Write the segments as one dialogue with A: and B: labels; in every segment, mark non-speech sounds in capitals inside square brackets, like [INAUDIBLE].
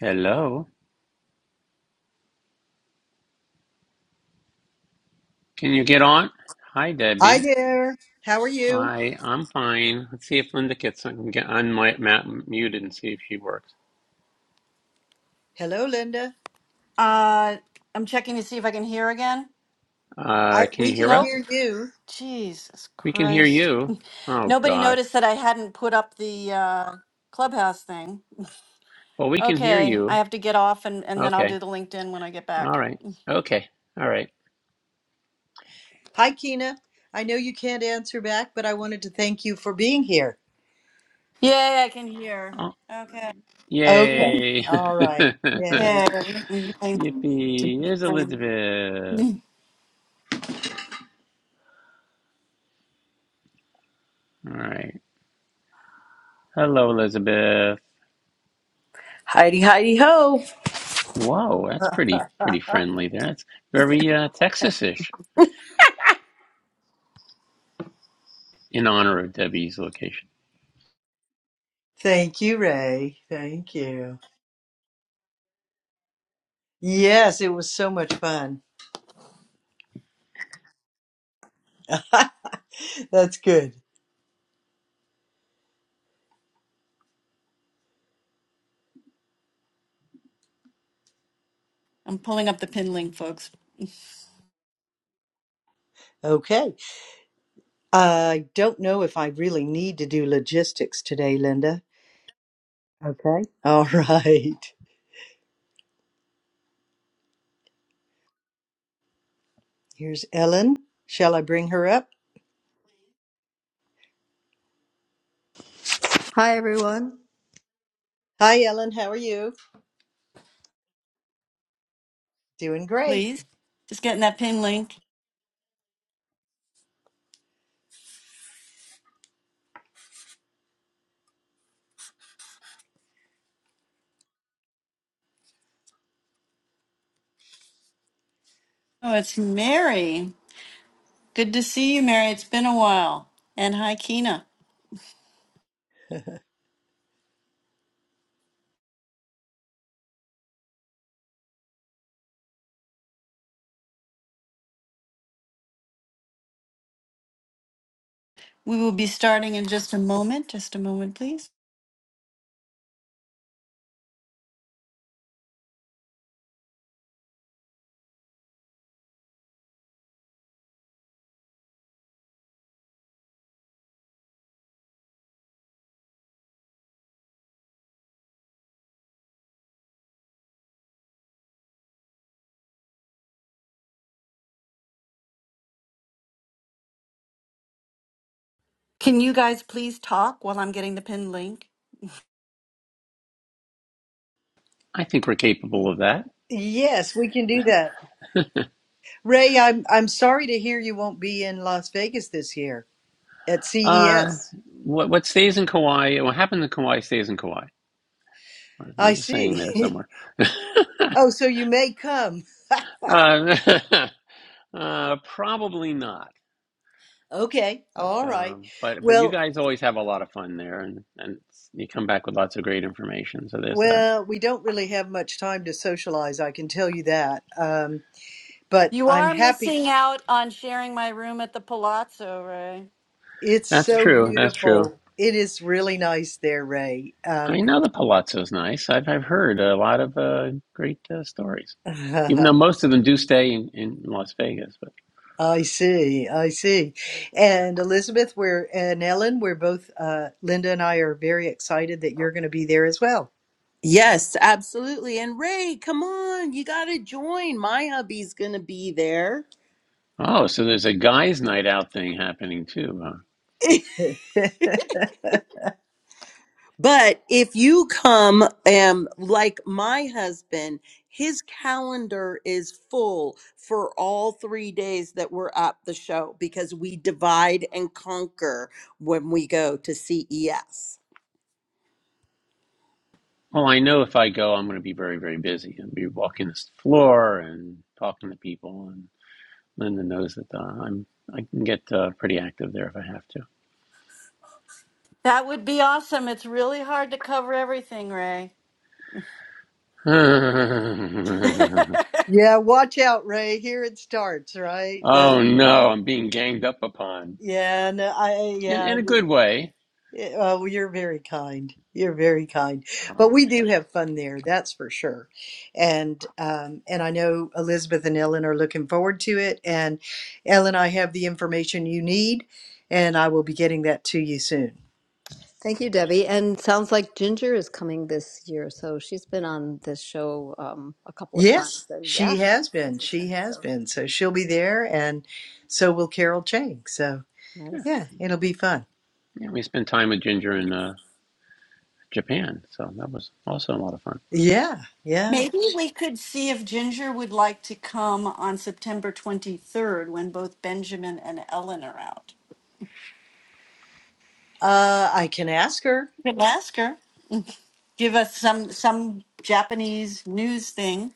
A: Hello. Can you get on? Hi,
B: Hi
A: Debbie.
B: there. How are you?
A: Hi, I'm fine. Let's see if Linda gets on, get on my map muted and see if she works.
B: Hello, Linda.
C: Uh, I'm checking to see if I can hear again.
B: I
A: Uh, can you
B: we
A: hear
B: can
C: Nope.
A: us?
B: hear you.
C: Jesus
A: We can hear
C: Christ.
A: you.
C: [LAUGHS]
A: Oh
C: Nobody
A: gosh.
C: noticed that I hadn't put up the uh, clubhouse thing.
A: Well, we can hear
C: Okay, I
A: you.
C: have to get off and, and then I'll do
A: Okay.
C: the LinkedIn when I get
A: All
C: back.
A: right. Okay. All right.
B: Hi, Kina. I know you can't answer back, but I wanted to thank you for being here.
C: Yay, I can hear.
A: Oh,
C: Okay.
B: Okay.
A: yay!
B: All
A: [LAUGHS]
B: right. Yay.
C: Okay. [LAUGHS]
A: Yippee! Here's Elizabeth. All right. Hello, Elizabeth.
D: Heidi, Heidi, ho!
A: Whoa, that's pretty
B: [LAUGHS]
A: pretty friendly. That's very uh, Texas-ish in honor of Debbie's location.
B: Thank you, Ray. Thank you. Yes, it was so much fun. [LAUGHS] That's good.
C: I'm pulling up the pin link, folks.
B: Okay. I don't know if I really need to do logistics today, Linda. Okay. [LAUGHS] All right. Here's Ellen. Shall I bring her up?
E: Hi, everyone.
B: Hi, Ellen. How are you? Doing great.
C: Please. Just getting that pin link. Oh, it's Mary. Good to see you, Mary. It's been a while. And hi, Kina. We will be starting in just a moment. Just a moment, please. Can you guys please talk while I'm getting the pinned link?
A: I think we're capable of that.
B: Yes, we can do that. Ray, I'm I'm sorry to hear you won't be in Las Vegas this year at
A: Uh,
B: CES.
A: what what stays in Kauai? What happened in Kauai stays in Kauai.
B: I
A: There's a saying there
B: see.
A: somewhere.
B: [LAUGHS] oh, so you may come.
A: Uh, [LAUGHS] uh, probably not.
B: Okay. All
A: But
B: right.
A: um, but but you
B: Well,
A: guys always have a lot of fun there, and and you come back with lots of great information. So there's that.
B: well, we don't really have much time to socialize, I can tell you that. Um, but
C: You
B: I'm
C: are
B: happy.
C: missing out on sharing my room at the Palazzo, Ray.
B: It's
A: That's
B: so
A: true. That's true.
B: beautiful. It is really nice there, Ray. Um,
A: I know the Palazzo's nice. I've I've heard a lot of uh, great uh, stories,
B: [LAUGHS]
A: even though most of them do stay in, in Las Vegas. But
B: I see, I see. And Elizabeth, we're and Ellen, we're both uh Linda and I are very excited that you're going to be there as well.
D: Yes, absolutely. And Ray, come on, you got to join. My hubby's going to be there.
A: oh, so there's a guys' night out thing happening too. huh?
D: [LAUGHS] but if you come, um, like my husband, his calendar is full for all three days that we're at the show because we divide and conquer when we go to CES.
A: Well, I know if I go, I'm going to be very, very busy. I'll be walking this floor and talking to people, and Linda knows that uh, I'm I can get uh, pretty active there if I have to.
C: That would be awesome. It's really hard to cover everything, Ray. [LAUGHS]
A: [LAUGHS]
B: Yeah, watch out, Ray. Here it starts, right?
A: oh
B: The
A: no, I'm being ganged up upon
B: yeah, no, I
A: in
B: yeah.
A: in a
B: it-
A: good way.
B: uh, well, you're very kind. You're very kind. But
A: Oh
B: we do
A: shucks.
B: have fun there, that's for sure. And um and I know Elizabeth and Ellen are looking forward to it and Ellen, I have the information you need and I will be getting that to you soon.
E: Thank you, Debbie. And sounds like Ginger is coming this year. So she's been on this show um, a couple of
B: Yes,
E: times. And
B: she
E: yeah,
B: has been.
E: she's
B: She
E: attended.
B: has
E: So
B: been. So she'll be there, and so will Carol Chang. So
A: Yeah,
E: nice.
B: yeah, it'll be fun.
A: yeah. We spent time with Ginger in uh, Japan, so that was also a lot of fun.
B: Yeah, yeah.
C: Maybe we could see if Ginger would like to come on September 23rd when both Benjamin and Ellen are out.
B: Uh, I can ask her.
C: You can ask her. Give us some some Japanese news thing.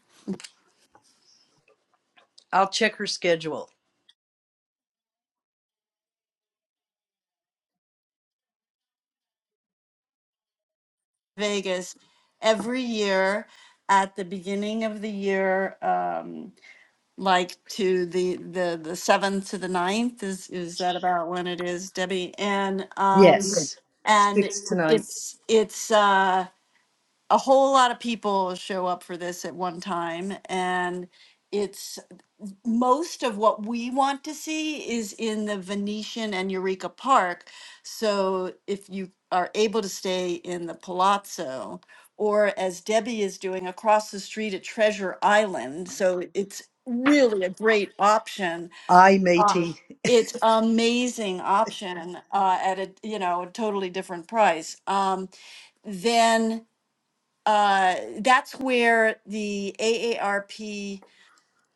B: I'll check her schedule.
C: Vegas every year at the beginning of the year, um, like to the the the seventh to the ninth, is is that about when it is, Debbie? And um, Right.
B: Yes,
C: and
B: six tonight.
C: it's it's uh, a whole lot of people show up for this at one time, and most of what we want to see is in the Venetian and Eureka Park. So if you are able to stay in the Palazzo, or as Debbie is doing across the street at Treasure Island, so it's really a great option.
B: I
C: Uh, Mhm.
B: matey.
C: It's amazing option uh, at a you know a totally different price. Um, then uh, that's where the AARP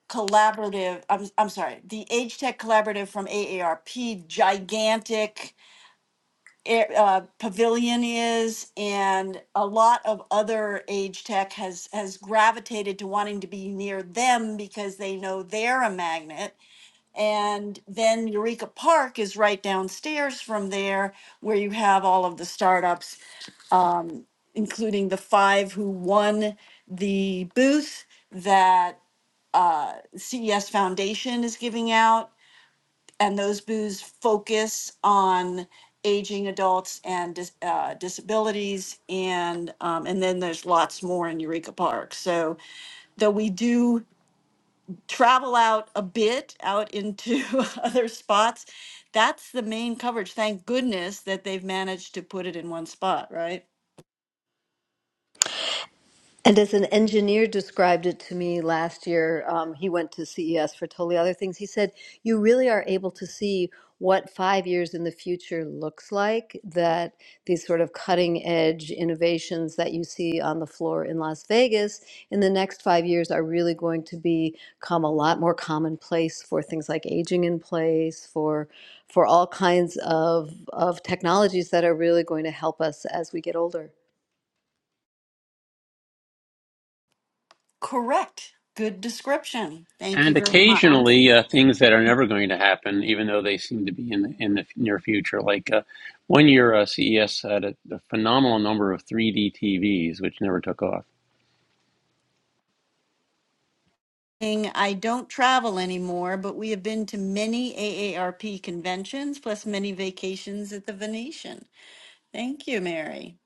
C: collaborative I'm, I'm sorry the age tech collaborative from aarp gigantic air- uh, pavilion is and a lot of other age tech has has gravitated to wanting to be near them because they know they're a magnet and then eureka park is right downstairs from there where you have all of the startups including the five who won the booth that uh, ces foundation is giving out and those booths focus on aging adults and dis- uh, disabilities and um, and then there's lots more in eureka park so though we do travel out a bit out into [LAUGHS] other spots that's the main coverage thank goodness that they've managed to put it in one spot right
E: And as an engineer described it to me last year, um, he went to CES for totally other things. He said, You really are able to see what five years in the future looks like, that these sort of cutting edge innovations that you see on the floor in Las Vegas in the next five years are really going to become a lot more commonplace for things like aging in place, for for all kinds of, of technologies that are really going to help us as we get older.
C: correct good description thank you
A: And
C: very much
A: occasionally, uh, things that are never going to happen, even though they seem to be in the, in the near future. Like uh, one year, uh, CES had a, a phenomenal number of 3D TVs, which never took off.
C: thing, I don't travel anymore, but we have been to many AARP conventions plus many vacations at the Venetian. Thank you, Mary.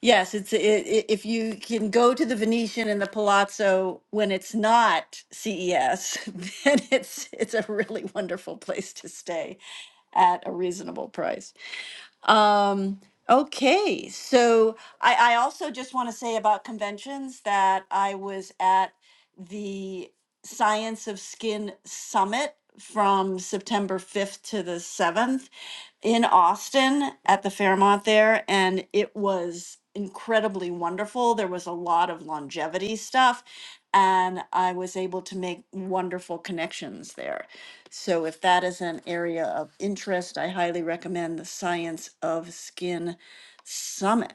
C: Yes, it's it, it, if you can go to the Venetian and the Palazzo when it's not CES, [LAUGHS] then it's it's a really wonderful place to stay at a reasonable price. Um, okay, so I, I also just want to say about conventions that I was at the Science of Skin Summit from September 5th to the 7th in Austin at the Fairmont there, and it was incredibly wonderful. There was a lot of longevity stuff, and I was able to make wonderful connections there. So if that is an area of interest, I highly recommend the Science of Skin Summit,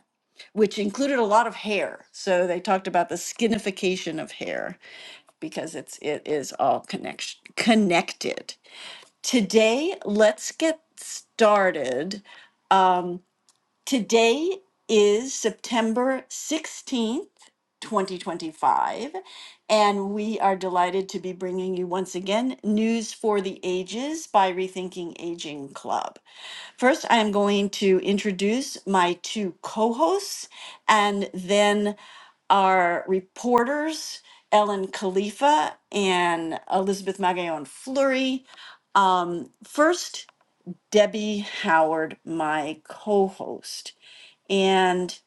C: which included a lot of hair. So they talked about the skinification of hair because it's it is all connection connected. Today, let's get started. Um, Today is September 16th, 2025, and we are delighted to be bringing you once again News for the Ages by Rethinking Aging Club. First, I am going to introduce my two co hosts and then our reporters, Ellen Khalifa and Elizabeth Magallon Fleury. Um, first, Debbie Howard, my co host and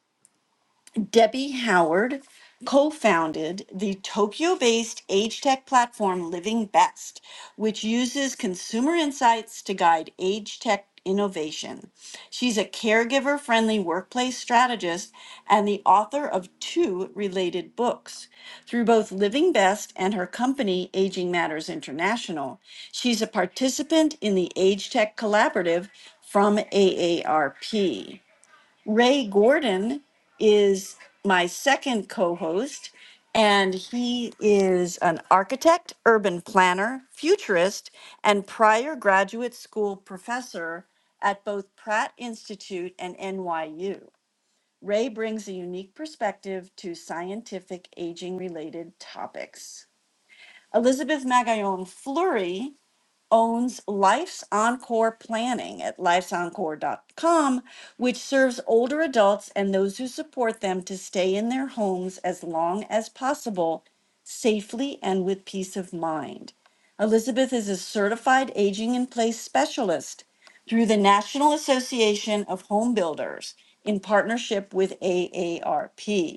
C: Debbie Howard co founded the Tokyo based age tech platform Living Best, which uses consumer insights to guide age tech innovation. She's a caregiver friendly workplace strategist and the author of two related books. Through both Living Best and her company, Aging Matters International, she's a participant in the Age Tech Collaborative from AARP. Ray Gordon is my second co host, and he is an architect, urban planner, futurist, and prior graduate school professor at both Pratt Institute and NYU. Ray brings a unique perspective to scientific aging related topics. Elizabeth Magallon Fleury owns Life's Encore Planning at lifesencore.com, which serves older adults and those who support them to stay in their homes as long as possible, safely and with peace of mind. Elizabeth is a certified aging in place specialist through the National Association of Home Builders in partnership with AARP.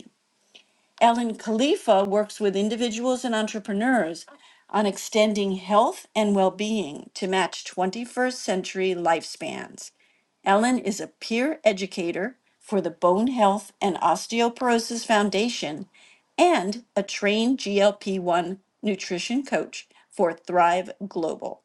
C: Ellen Khalifa works with individuals and entrepreneurs on extending health and well being to match 21st century lifespans. Ellen is a peer educator for the Bone Health and Osteoporosis Foundation and a trained GLP 1 nutrition coach for Thrive Global.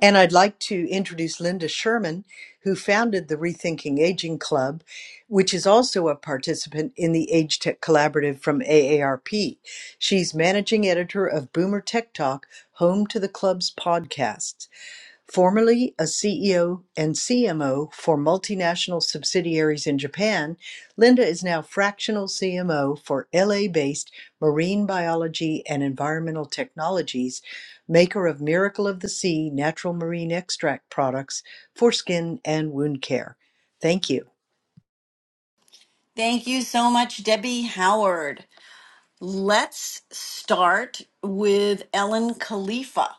B: And I'd like to introduce Linda Sherman, who founded the Rethinking Aging Club, which is also a participant in the Age Tech Collaborative from AARP. She's managing editor of Boomer Tech Talk, home to the club's podcasts. Formerly a CEO and CMO for multinational subsidiaries in Japan, Linda is now fractional CMO for LA-based Marine Biology and Environmental Technologies, maker of Miracle of the Sea natural marine extract products for skin and wound care. Thank you.
C: Thank you so much, Debbie Howard. Let's start with Ellen Khalifa.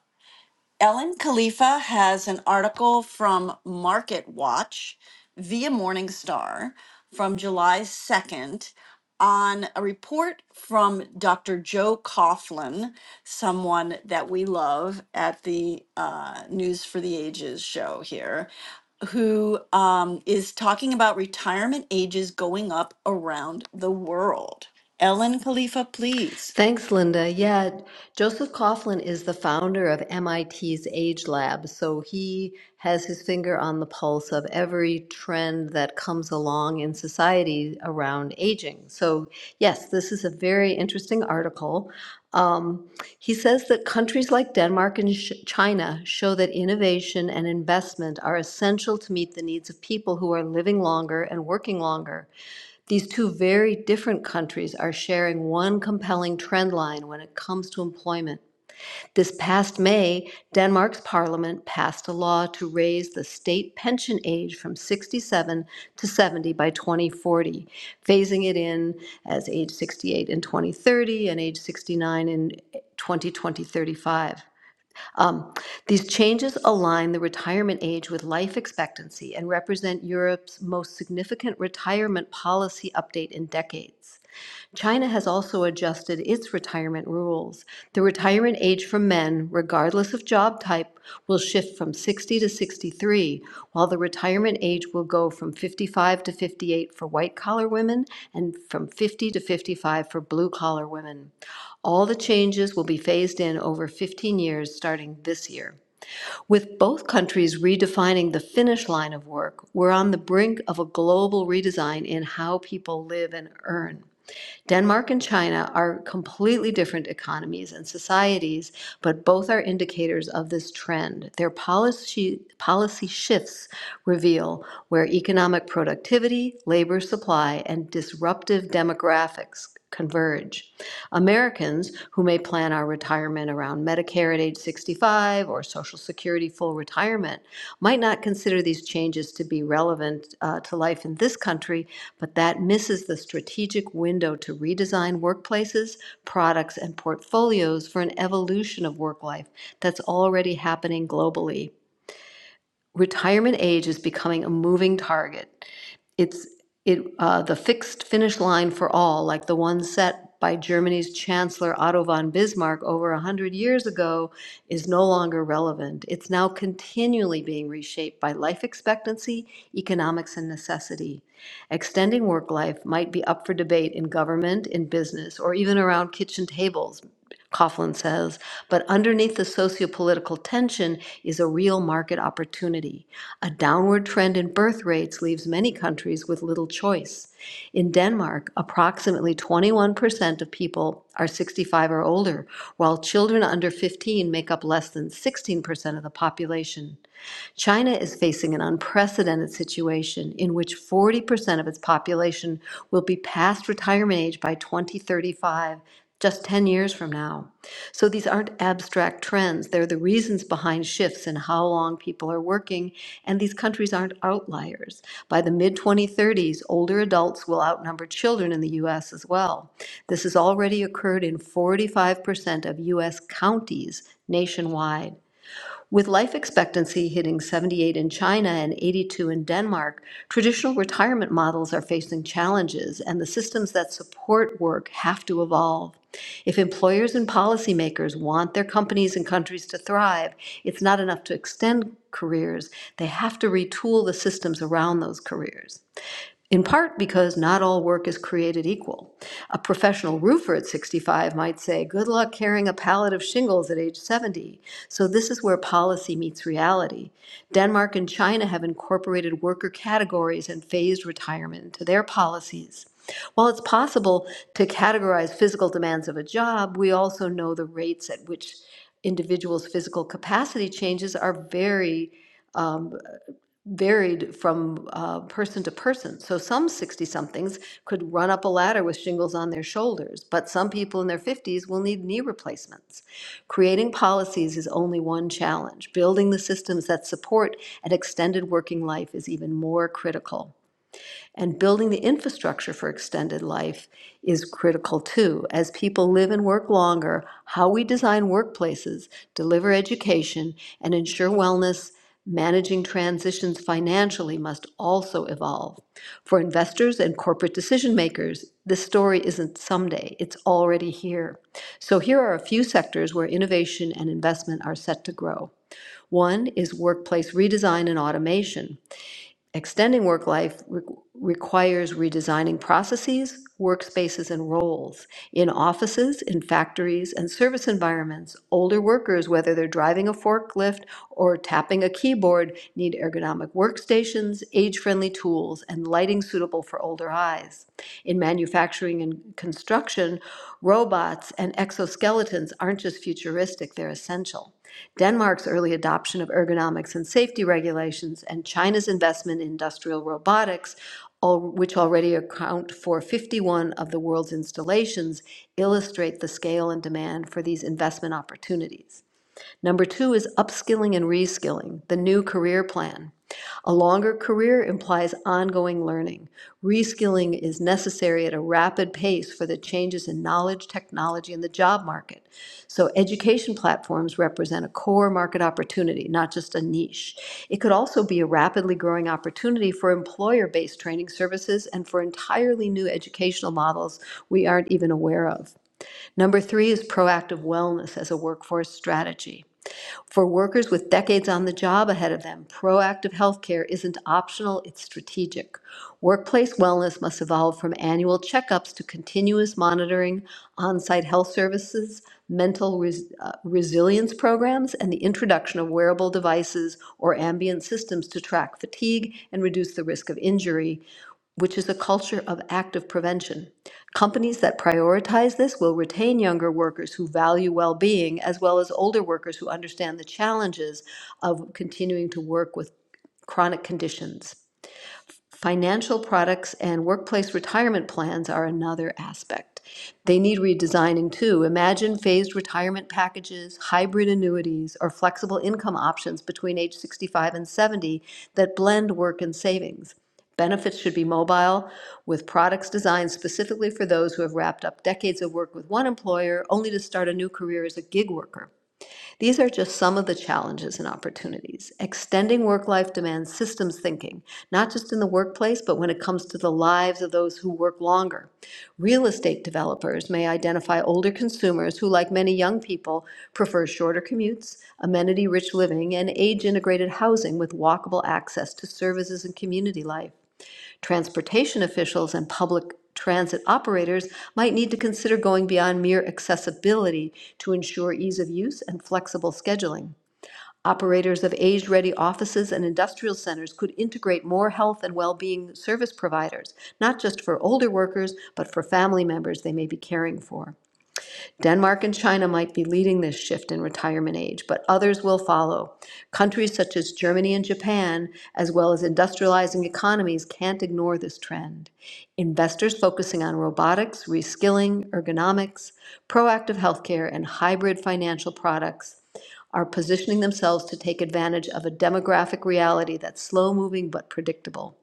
C: Ellen Khalifa has an article from Market Watch via Morningstar from July 2nd on a report from Dr. Joe Coughlin, someone that we love at the uh, News for the Ages show here, who um, is talking about retirement ages going up around the world. Ellen Khalifa, please.
E: Thanks, Linda. Yeah, Joseph Coughlin is the founder of MIT's Age Lab, so he has his finger on the pulse of every trend that comes along in society around aging. So, yes, this is a very interesting article. Um, he says that countries like Denmark and Sh- China show that innovation and investment are essential to meet the needs of people who are living longer and working longer. These two very different countries are sharing one compelling trend line when it comes to employment. This past May, Denmark's parliament passed a law to raise the state pension age from 67 to 70 by 2040, phasing it in as age 68 in 2030 and age 69 in 2020 35. Um, These changes align the retirement age with life expectancy and represent Europe's most significant retirement policy update in decades. China has also adjusted its retirement rules. The retirement age for men, regardless of job type, will shift from 60 to 63, while the retirement age will go from 55 to 58 for white collar women and from 50 to 55 for blue collar women. All the changes will be phased in over 15 years starting this year. With both countries redefining the finish line of work, we're on the brink of a global redesign in how people live and earn. Denmark and China are completely different economies and societies, but both are indicators of this trend. Their policy, policy shifts reveal where economic productivity, labor supply, and disruptive demographics converge. Americans who may plan our retirement around Medicare at age 65 or Social Security full retirement might not consider these changes to be relevant uh, to life in this country, but that misses the strategic window to redesign workplaces, products, and portfolios for an evolution of work life that's already happening globally. Retirement age is becoming a moving target it's, it, uh, the fixed finish line for all, like the one set by Germany's Chancellor Otto von Bismarck over a hundred years ago, is no longer relevant. It's now continually being reshaped by life expectancy, economics, and necessity. Extending work life might be up for debate in government, in business, or even around kitchen tables, Coughlin says, but underneath the socio-political tension is a real market opportunity. A downward trend in birth rates leaves many countries with little choice. In Denmark, approximately 21% of people are 65 or older, while children under 15 make up less than 16% of the population. China is facing an unprecedented situation in which 40% of its population will be past retirement age by 2035, just 10 years from now. So these aren't abstract trends, they're the reasons behind shifts in how long people are working, and these countries aren't outliers. By the mid 2030s, older adults will outnumber children in the US as well. This has already occurred in 45% of US counties nationwide. With life expectancy hitting 78 in China and 82 in Denmark, traditional retirement models are facing challenges, and the systems that support work have to evolve. If employers and policymakers want their companies and countries to thrive, it's not enough to extend careers. They have to retool the systems around those careers in part because not all work is created equal. A professional roofer at 65 might say, Good luck carrying a pallet of shingles at age 70. So, this is where policy meets reality. Denmark and China have incorporated worker categories and phased retirement into their policies. While it's possible to categorize physical demands of a job, we also know the rates at which individuals' physical capacity changes are very varied from uh, person to person. So some 60 somethings could run up a ladder with shingles on their shoulders, but some people in their 50s will need knee replacements. Creating policies is only one challenge. Building the systems that support an extended working life is even more critical. And building the infrastructure for extended life is critical too. As people live and work longer, how we design workplaces, deliver education, and ensure wellness, managing transitions financially must also evolve. For investors and corporate decision makers, this story isn't someday, it's already here. So here are a few sectors where innovation and investment are set to grow. One is workplace redesign and automation. Extending work life re- requires redesigning processes, workspaces, and roles. In offices, in factories, and service environments, older workers, whether they're driving a forklift or tapping a keyboard, need ergonomic workstations, age friendly tools, and lighting suitable for older eyes. In manufacturing and construction, robots and exoskeletons aren't just futuristic, they're essential. Denmark's early adoption of ergonomics and safety regulations, and China's investment in industrial robotics, al- which already account for 51 of the world's installations, illustrate the scale and demand for these investment opportunities. Number two is upskilling and reskilling, the new career plan. A longer career implies ongoing learning. Reskilling is necessary at a rapid pace for the changes in knowledge, technology, and the job market. So, education platforms represent a core market opportunity, not just a niche. It could also be a rapidly growing opportunity for employer based training services and for entirely new educational models we aren't even aware of. Number three is proactive wellness as a workforce strategy. For workers with decades on the job ahead of them, proactive healthcare isn't optional, it's strategic. Workplace wellness must evolve from annual checkups to continuous monitoring, on-site health services, mental res- uh, resilience programs, and the introduction of wearable devices or ambient systems to track fatigue and reduce the risk of injury, which is a culture of active prevention. Companies that prioritize this will retain younger workers who value well being, as well as older workers who understand the challenges of continuing to work with chronic conditions. Financial products and workplace retirement plans are another aspect. They need redesigning too. Imagine phased retirement packages, hybrid annuities, or flexible income options between age 65 and 70 that blend work and savings. Benefits should be mobile, with products designed specifically for those who have wrapped up decades of work with one employer only to start a new career as a gig worker. These are just some of the challenges and opportunities. Extending work life demands systems thinking, not just in the workplace, but when it comes to the lives of those who work longer. Real estate developers may identify older consumers who, like many young people, prefer shorter commutes, amenity rich living, and age integrated housing with walkable access to services and community life. Transportation officials and public transit operators might need to consider going beyond mere accessibility to ensure ease of use and flexible scheduling. Operators of age-ready offices and industrial centers could integrate more health and well-being service providers, not just for older workers, but for family members they may be caring for. Denmark and China might be leading this shift in retirement age, but others will follow. Countries such as Germany and Japan, as well as industrializing economies, can't ignore this trend. Investors focusing on robotics, reskilling, ergonomics, proactive healthcare, and hybrid financial products are positioning themselves to take advantage of a demographic reality that's slow moving but predictable.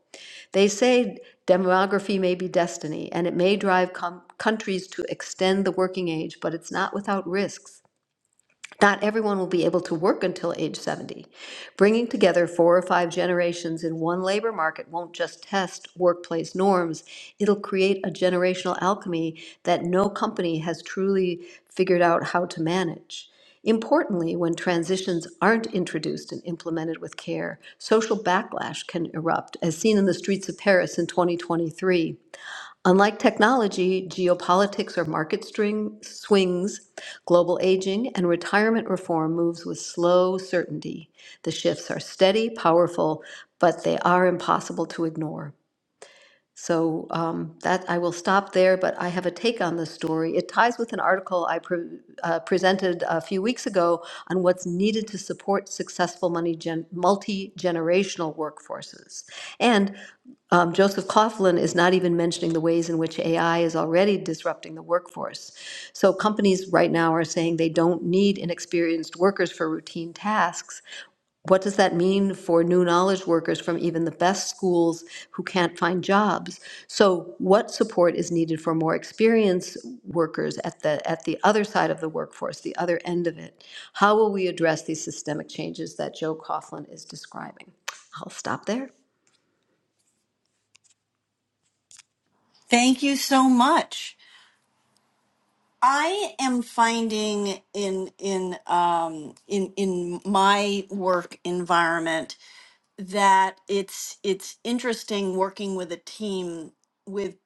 E: They say demography may be destiny, and it may drive com- countries to extend the working age, but it's not without risks. Not everyone will be able to work until age 70. Bringing together four or five generations in one labor market won't just test workplace norms, it'll create a generational alchemy that no company has truly figured out how to manage. Importantly, when transitions aren't introduced and implemented with care, social backlash can erupt, as seen in the streets of Paris in 2023. Unlike technology, geopolitics or market string swings, global aging, and retirement reform moves with slow certainty. The shifts are steady, powerful, but they are impossible to ignore. So um, that I will stop there, but I have a take on this story. It ties with an article I pre- uh, presented a few weeks ago on what's needed to support successful money gen- multi generational workforces. And um, Joseph Coughlin is not even mentioning the ways in which AI is already disrupting the workforce. So companies right now are saying they don't need inexperienced workers for routine tasks, what does that mean for new knowledge workers from even the best schools who can't find jobs? So what support is needed for more experienced workers at the, at the other side of the workforce, the other end of it? How will we address these systemic changes that Joe Coughlin is describing? I'll stop there.
C: Thank you so much. I am finding in in um in in my work environment that it's it's interesting working with a team with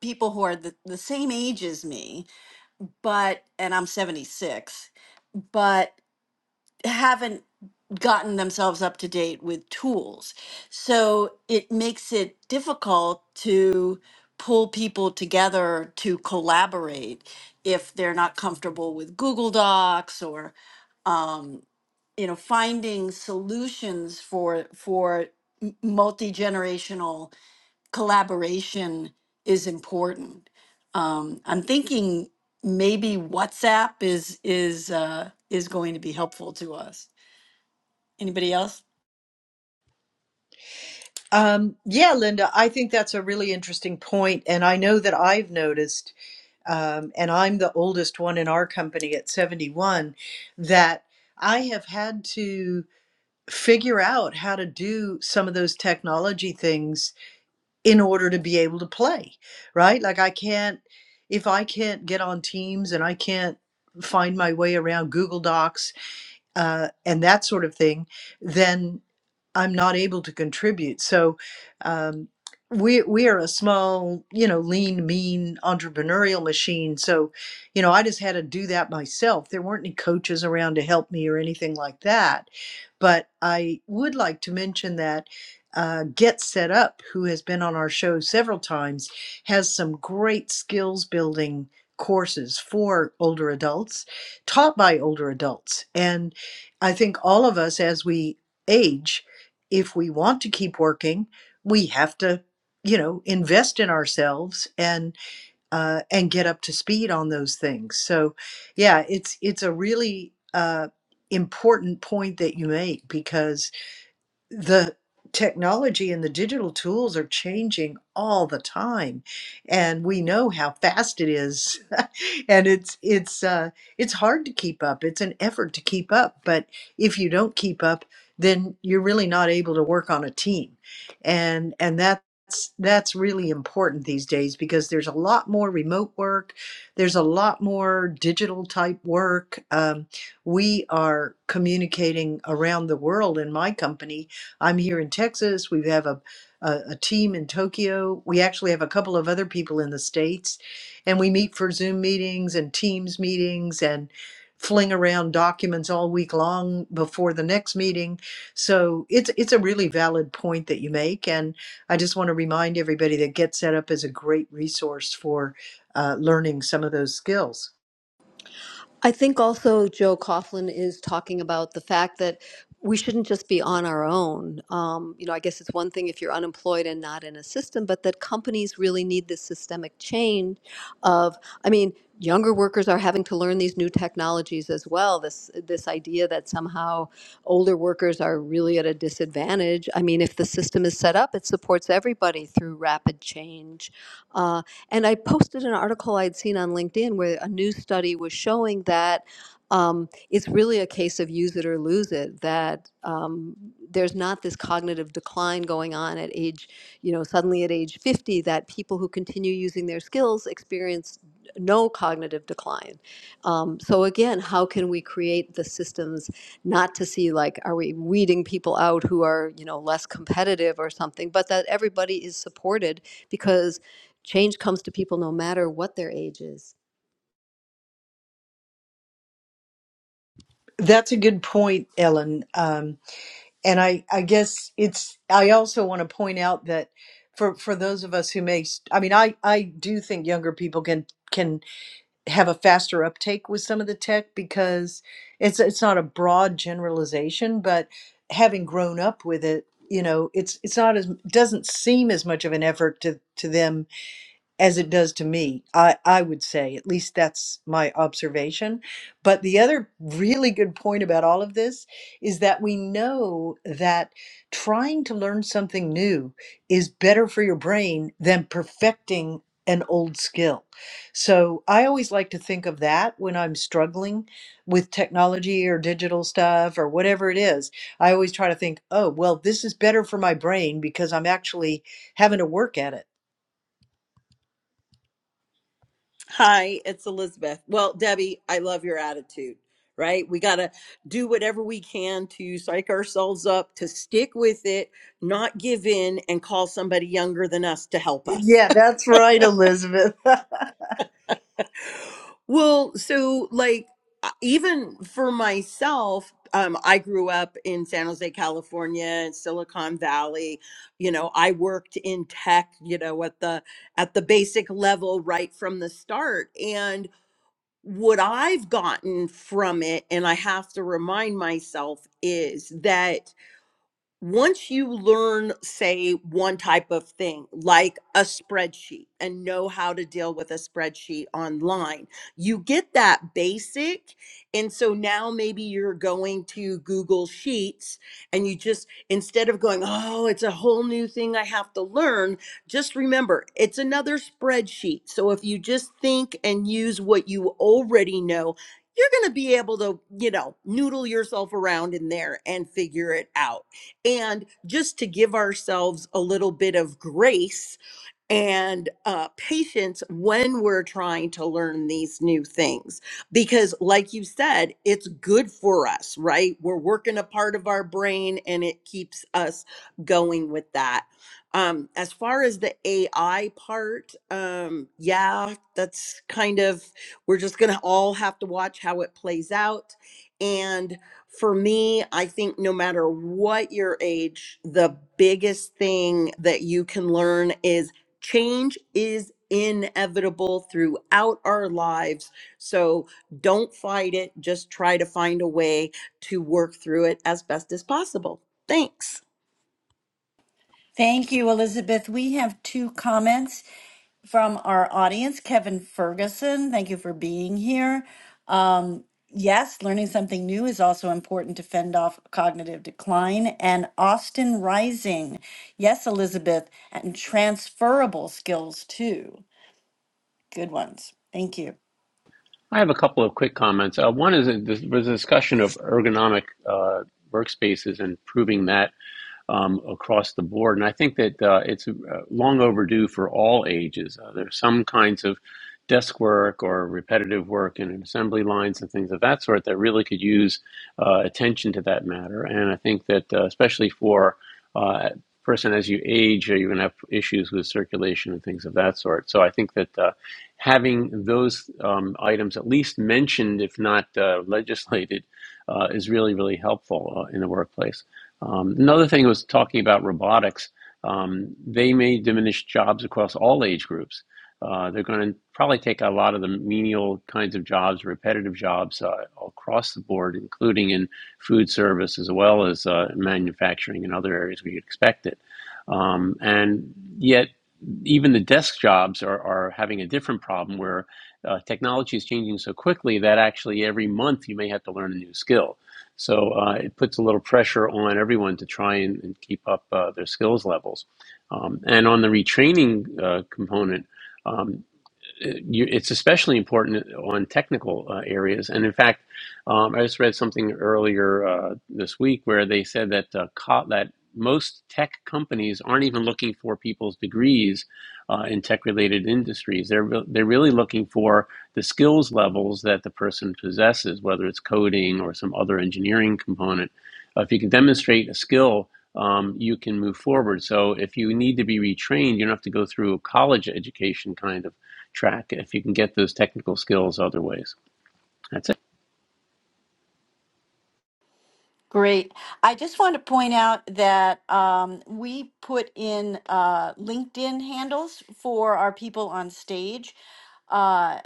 C: people who are the, the same age as me, but and I'm 76, but haven't gotten themselves up to date with tools. So it makes it difficult to pull people together to collaborate if they're not comfortable with Google Docs or um, you know finding solutions for for multi generational collaboration is important. Um, I'm thinking maybe WhatsApp is is uh, is going to be helpful to us. Anybody else?
B: Um, yeah, Linda, I think that's a really interesting point, and I know that I've noticed um, and I'm the oldest one in our company at 71, that I have had to figure out how to do some of those technology things in order to be able to play, right? Like, I can't, if I can't get on Teams and I can't find my way around Google Docs uh, and that sort of thing, then I'm not able to contribute. So um, we we are a small, you know, lean, mean entrepreneurial machine. So, you know, I just had to do that myself. There weren't any coaches around to help me or anything like that. But I would like to mention that. Uh, Get Set Up, who has been on our show several times, has some great skills building courses for older adults, taught by older adults. And I think all of us, as we age, if we want to keep working, we have to, you know, invest in ourselves and uh, and get up to speed on those things. So, yeah, it's it's a really uh, important point that you make because the technology and the digital tools are changing all the time and we know how fast it is [LAUGHS] and it's it's uh it's hard to keep up it's an effort to keep up but if you don't keep up then you're really not able to work on a team and and that's that's really important these days because there's a lot more remote work there's a lot more digital type work um, we are communicating around the world in my company I'm here in Texas. We have a, a, a team in Tokyo. We actually have a couple of other people in the States, and we meet for Zoom meetings and Teams meetings and fling around documents all week long before the next meeting. So it's it's a really valid point that you make, and I just want to remind everybody that Get Set Up is a great resource for uh, learning some of those skills.
E: I think also Joe Coughlin is talking about the fact that we shouldn't just be on our own. Um, you know, I guess it's one thing if you're unemployed and not in a system, but that companies really need this systemic change of, I mean, younger workers are having to learn these new technologies as well. This this idea that somehow older workers are really at a disadvantage. I mean, if the system is set up, it supports everybody through rapid change. Um, and I posted an article I'd seen on LinkedIn where a new study was showing that um, it's really a case of use it or lose it, that um, there's not this cognitive decline going on at age, you know, suddenly at age 50, that people who continue using their skills experience no cognitive decline. Um, so again, how can we create the systems not to see like, are we weeding people out who are, you know, less competitive or something, but that everybody is supported because Change comes to people no matter what their age is.
B: That's a good point, Ellen. Um, and I, I guess it's i also want to point out that for for those of us who may st- i mean i i do think younger people can can have a faster uptake with some of the tech because it's it's not a broad generalization but having grown up with it you know it's it's not as doesn't seem as much of an effort to to them as it does to me. I, I would say, at least that's my observation. But the other really good point about all of this is that we know that trying to learn something new is better for your brain than perfecting an old skill. So I always like to think of that when I'm struggling with technology or digital stuff or whatever it is. I always try to think, oh, well, this is better for my brain because I'm actually having to work at it
D: Hi, it's Elizabeth. Well, Debbie, I love your attitude, right? We got to do whatever we can to psych ourselves up, to stick with it, not give in, and call somebody younger than us to help us.
B: Yeah,
D: [LAUGHS]
B: that's right, Elizabeth. [LAUGHS] I
D: Well, so like uh, even for myself, um, I grew up in San Jose, California, in Silicon Valley. You know, I worked in tech. You know, at the at the basic level right from the start, and what I've gotten from it, and I have to remind myself, is that once you learn, say, one type of thing, like a spreadsheet, and know how to deal with a spreadsheet online, you get that basic. And so now maybe you're going to Google Sheets and you just, instead of going, oh, it's a whole new thing I have to learn, just remember it's another spreadsheet. So if you just think and use what you already know, you're going to be able to, you know, noodle yourself around in there and figure it out and just to give ourselves a little bit of grace and uh, patience when we're trying to learn these new things. Because, like you said, it's good for us, right? We're working a part of our brain and it keeps us going with that. Um, as far as the AI part, um, yeah, that's kind of, we're just going to all have to watch how it plays out. And for me, I think no matter what your age, the biggest thing that you can learn is Change is inevitable throughout our lives. So don't fight it. Just try to find a way to work through it as best as possible. Thanks.
C: Thank you, Elizabeth. We have two comments from our audience. Kevin Ferguson, thank you for being here. Um, yes, learning something new is also important to fend off cognitive decline. And Austin Rising, yes, Elizabeth, and transferable skills too. Good ones. Thank you.
A: I have a couple of quick comments. Uh, one is that there was a discussion of ergonomic uh, workspaces and proving that. um, across the board. And I think that uh, it's uh, long overdue for all ages. Uh, there some kinds of desk work or repetitive work in assembly lines and things of that sort that really could use uh, attention to that matter. And I think that uh, especially for uh, person as you age, uh, you're going to have issues with circulation and things of that sort. So I think that uh, having those um, items at least mentioned, if not uh, legislated, uh, is really, really helpful uh, in the workplace. Um, another thing was talking about robotics. Um, they may diminish jobs across all age groups. Uh, they're going to probably take a lot of the menial kinds of jobs, repetitive jobs uh, across the board, including in food service as well as uh, manufacturing and other areas where you'd expect it. Um, and yet, even the desk jobs are, are having a different problem where uh, technology is changing so quickly that actually every month you may have to learn a new skill. So uh, it puts a little pressure on everyone to try and, and keep up uh, their skills levels. Um, and on the retraining uh, component, um, you, it's especially important on technical uh, areas. And in fact, um, I just read something earlier uh, this week where they said that uh, co- that most tech companies aren't even looking for people's degrees uh, in tech-related industries. They're re- they're really looking for the skills levels that the person possesses, whether it's coding or some other engineering component. Uh, if you can demonstrate a skill um, you can move forward. So if you need to be retrained, you don't have to go through a college education kind of track if you can get those technical skills other ways. That's it.
C: Great. I just want to point out that um, we put in uh, LinkedIn handles for our people on stage uh,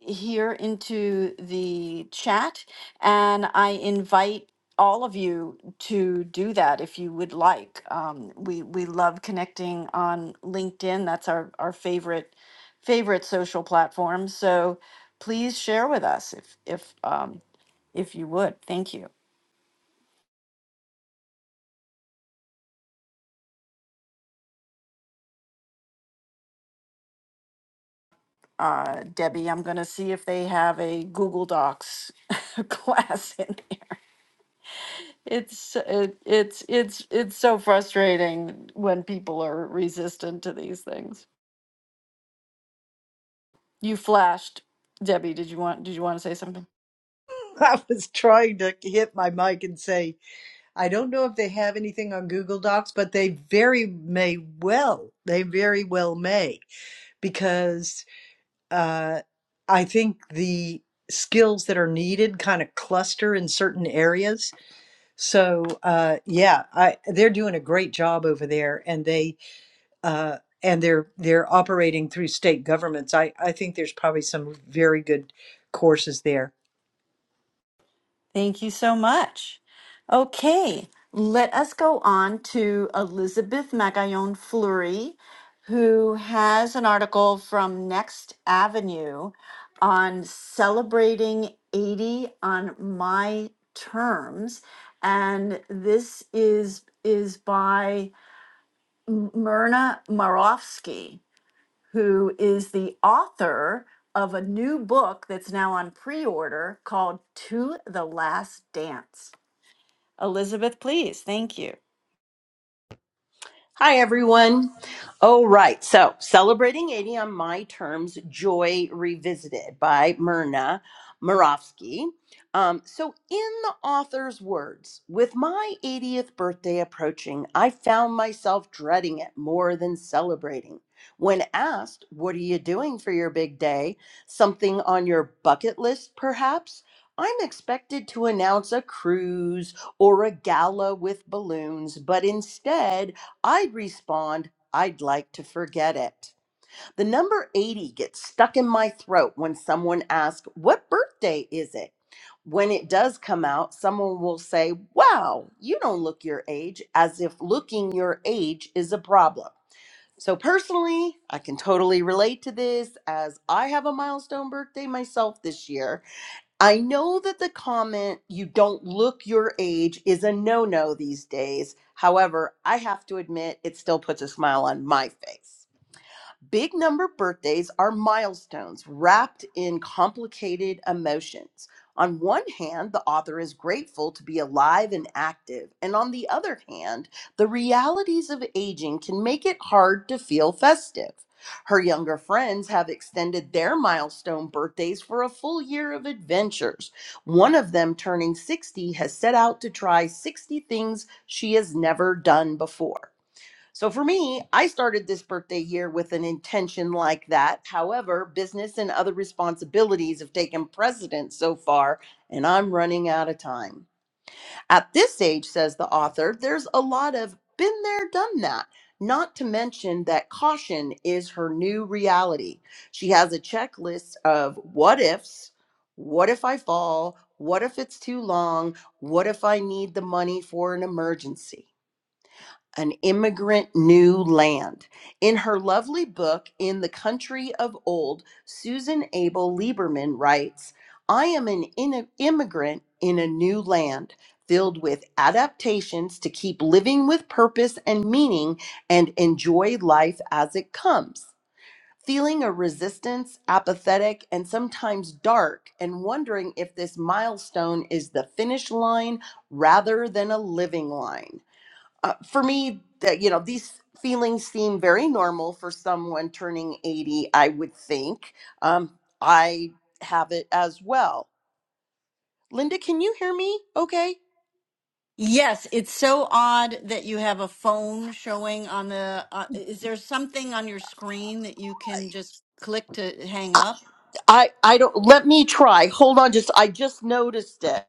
C: here into the chat, and I invite all of you to do that if you would like. Um, we we love connecting on LinkedIn. That's our our favorite favorite social platform. So please share with us if if um, if you would. Thank you. Uh, Debbie, I'm going to see if they have a Google Docs [LAUGHS] class in there. It's it, it's it's it's so frustrating when people are resistant to these things. You flashed, Debbie. Did you want did you want to say something?
B: was trying to hit my mic and say, I don't know if they have anything on Google Docs, but they very may well. They very well may, because uh, I think the skills that are needed kind of cluster in certain areas. So uh, yeah, I, they're doing a great job over there, and they uh, and they're they're operating through state governments. I, I think there's probably some very good courses there.
C: Thank you so much. Okay, let us go on to Elizabeth Magallon Fleury, who has an article from Next Avenue on celebrating 80 on my terms. And this is is by M- Myrna Marofsky, who is the author of a new book that's now on pre-order called To the Last Dance. Elizabeth, please. Thank you.
D: Hi, everyone. All right. So, celebrating 80 on my terms, Joy Revisited by Myrna Murovsky. Um, so, in the author's words, with my 80th birthday approaching, I found myself dreading it more than celebrating. When asked, What are you doing for your big day? Something on your bucket list, perhaps? I'm expected to announce a cruise or a gala with balloons, but instead, I'd respond, I'd like to forget it. The number 80 gets stuck in my throat when someone asks, What birthday is it? When it does come out, someone will say, Wow, you don't look your age, as if looking your age is a problem. So, personally, I can totally relate to this as I have a milestone birthday myself this year I know that the comment, you don't look your age, is a no no these days. However, I have to admit, it still puts a smile on my face. Big number birthdays are milestones wrapped in complicated emotions. On one hand, the author is grateful to be alive and active, and on the other hand, the realities of aging can make it hard to feel festive. Her younger friends have extended their milestone birthdays for a full year of adventures. One of them, turning 60, has set out to try 60 things she has never done before. So for me, I started this birthday year with an intention like that. However, business and other responsibilities have taken precedence so far, and I'm running out of time. At this age, says the author, there's a lot of been there, done that. Not to mention that caution is her new reality. She has a checklist of what ifs, what if I fall, what if it's too long, what if I need the money for an emergency an immigrant new land. In her lovely book, In the Country of Old, Susan Abel Lieberman writes I am an in- immigrant in a new land. Filled with adaptations to keep living with purpose and meaning and enjoy life as it comes. Feeling a resistance, apathetic, and sometimes dark, and wondering if this milestone is the finish line rather than a living line uh, for me, that you know, these feelings seem very normal for someone turning 80, I would think. Um, I have it as well. Linda, can you hear me? Okay.
C: Yes, it's so odd that you have a phone showing on the. Uh, is there something on your screen that you can just click to hang
D: I,
C: up?
D: I I don't let me try. Hold on just I just noticed it.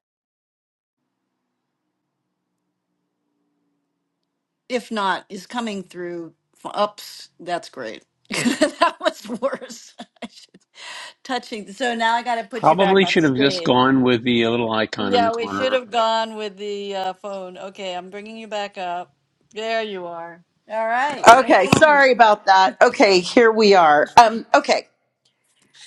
C: If not, is coming through. f- Ups, that's great. [LAUGHS] that was worse. [LAUGHS] I should, touching. So now I got to put you back
A: Probably
C: on
A: should have just
C: stage.
A: gone with the little icon in the
C: Yeah, we
A: corner
C: should
A: of
C: have
A: it.
C: gone with the uh, phone. Okay, I'm bringing you back up. There you are. All right. No
D: Okay,
C: problem.
D: sorry about that. Okay, here we are. Um okay.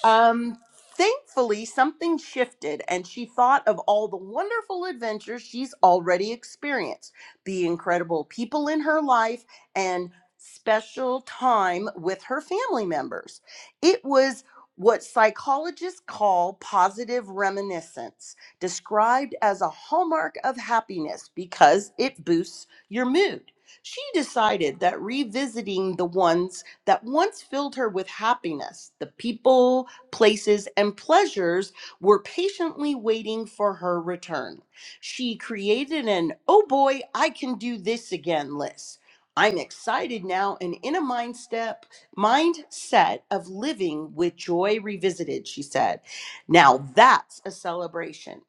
D: Um, thankfully, something shifted, and she thought of all the wonderful adventures she's already experienced, the incredible people in her life, and special time with her family members. It was what psychologists call positive reminiscence, described as a hallmark of happiness because it boosts your mood. She decided that revisiting the ones that once filled her with happiness, the people, places, and pleasures were patiently waiting for her return. She created an, oh boy, I can do this again list. I'm excited now and in a mind step, mindset of living with joy revisited, she said. Now that's a celebration.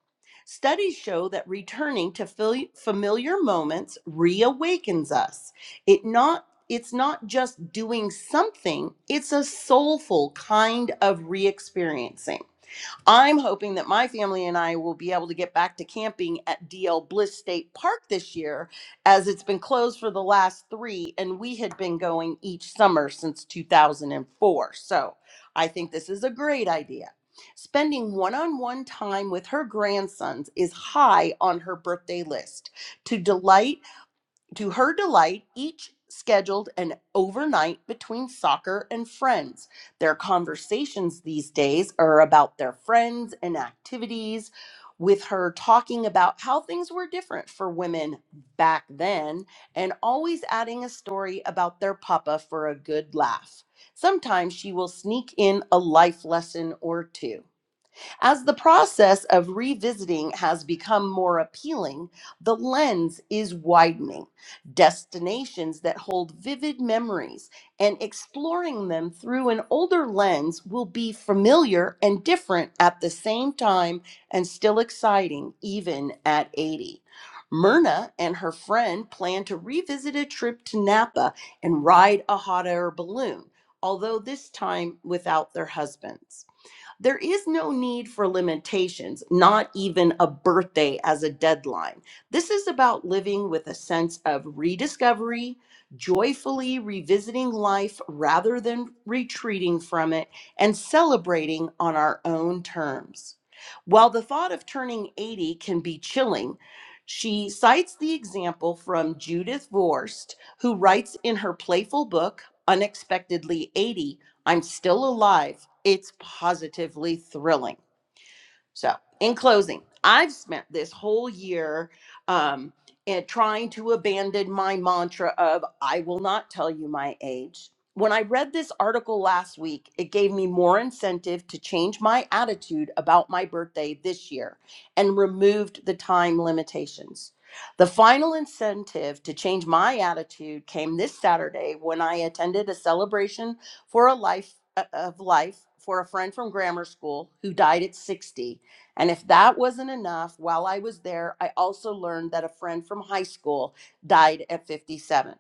D: Studies show that returning to fil- familiar moments reawakens us. It not it's not just doing something, it's a soulful kind of re experiencing. I'm hoping that my family and I will be able to get back to camping at DL Bliss State Park this year, as it's been closed for the last three, and we had been going each summer since 2004. So I think this is a great idea. Spending one on one time with her grandsons is high on her birthday list. To delight to her delight, each scheduled an overnight between soccer and friends. Their conversations these days are about their friends and activities, with her talking about how things were different for women back then and always adding a story about their papa for a good laugh. Sometimes she will sneak in a life lesson or two. As the process of revisiting has become more appealing, the lens is widening. Destinations that hold vivid memories and exploring them through an older lens will be familiar and different at the same time and still exciting, even at 80. Myrna and her friend plan to revisit a trip to Napa and ride a hot air balloon, although this time without their husbands. There is no need for limitations, not even a birthday as a deadline. This is about living with a sense of rediscovery, joyfully revisiting life rather than retreating from it, and celebrating on our own terms. While the thought of turning 80 can be chilling, she cites the example from Judith Vorst, who writes in her playful book, Unexpectedly 80, I'm still alive. It's positively thrilling. So, in closing, I've spent this whole year um, and trying to abandon my mantra of I will not tell you my age. When I read this article last week, it gave me more incentive to change my attitude about my birthday this year and removed the time limitations. The final incentive to change my attitude came this Saturday when I attended a celebration for a life uh, of life for a friend from grammar school who died at 60 and if that wasn't enough, while I was there, I also learned that a friend from high school died at 57.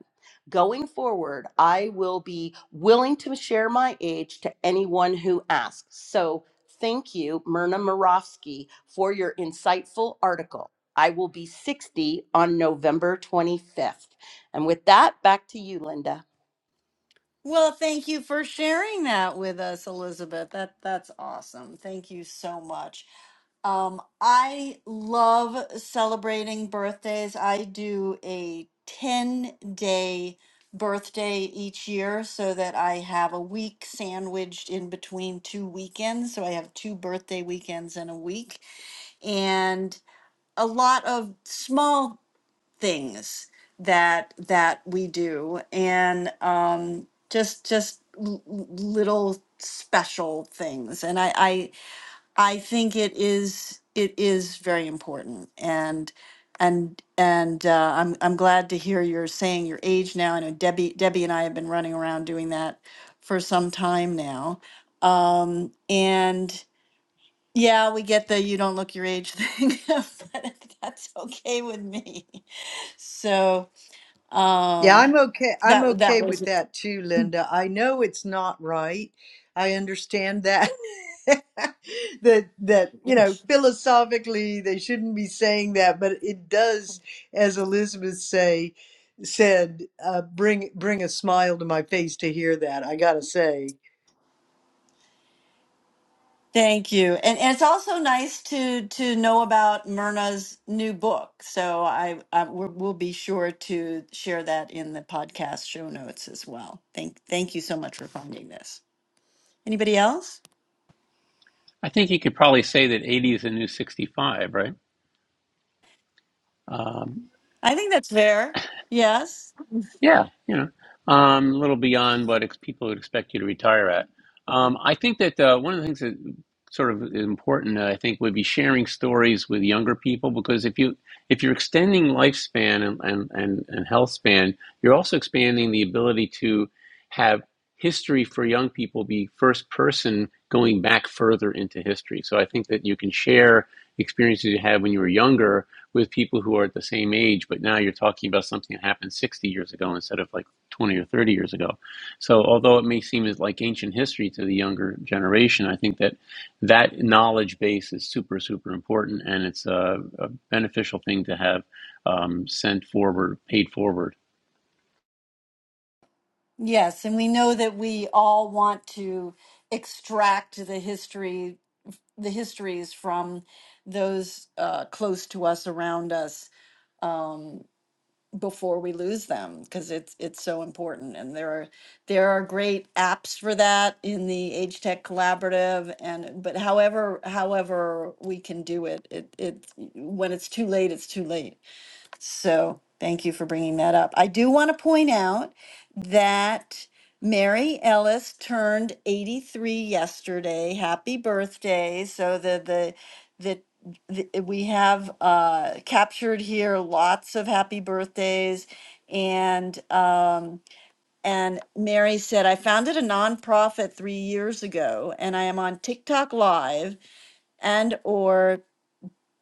D: Going forward, I will be willing to share my age to anyone who asks. So thank you, Myrna Morofsky, for your insightful article. I will be 60 on November 25th. And with that, back to you, Linda.
C: Well, thank you for sharing that with us, Elizabeth. That that's awesome. Thank you so much. Um, I love celebrating birthdays. I do a 10 day birthday each year so that I have a week sandwiched in between two weekends. So I have two birthday weekends in a week and a lot of small things that that we do and um just just l- little special things and i i i think it is it is very important and and and uh, i'm i'm glad to hear you're saying your age now i know debbie debbie and i have been running around doing that for some time now um and yeah we get the you don't look your age thing [LAUGHS] but that's okay with me so
B: Yeah,
C: um,
B: I'm okay. I'm
C: that that
B: okay with
C: was
B: that too, Linda. I know it's not right. I understand that. [LAUGHS] that that you know philosophically they shouldn't be saying that, but it does, as Elizabeth say said, uh, bring bring a smile to my face to hear that. I gotta say,
C: Thank you. And, and it's also nice to to know about Myrna's new book. So I, I we're- we'll be sure to share that in the podcast show notes as well. Thank thank you so much for finding this. Anybody else?
A: I think you could probably say that 80 is the new 65, right? Um,
C: I think that's fair. Yes.
A: Yeah, you know, um, a little beyond what ex- people would expect you to retire at. Um, I think that uh, one of the things that sort of is important, uh, I think, would be sharing stories with younger people because if you if you're extending lifespan and and and, and health span, you're also expanding the ability to have history for young people be first person going back further into history. So I think that you can share experiences you had when you were younger with people who are at the same age, but now you're talking about something that happened 60 years ago instead of like 20 or 30 years ago. So, although it may seem as like ancient history to the younger generation, I think that that knowledge base is super, super important, and it's a, a beneficial thing to have um, sent forward, paid forward.
C: Yes, and we know that we all want to extract the history the histories from those uh, close to us around us um, before we lose them because it's it's so important and there are there are great apps for that in the age tech collaborative and but however however we can do it it it when it's too late it's too late so thank you for bringing that up. I do want to point out that Mary Ellis turned 83 yesterday. Happy birthday. So the the the the- eh, we have uh, captured here lots of happy birthdays, and um, and Mary said I founded a nonprofit three years ago, and I am on TikTok Live and or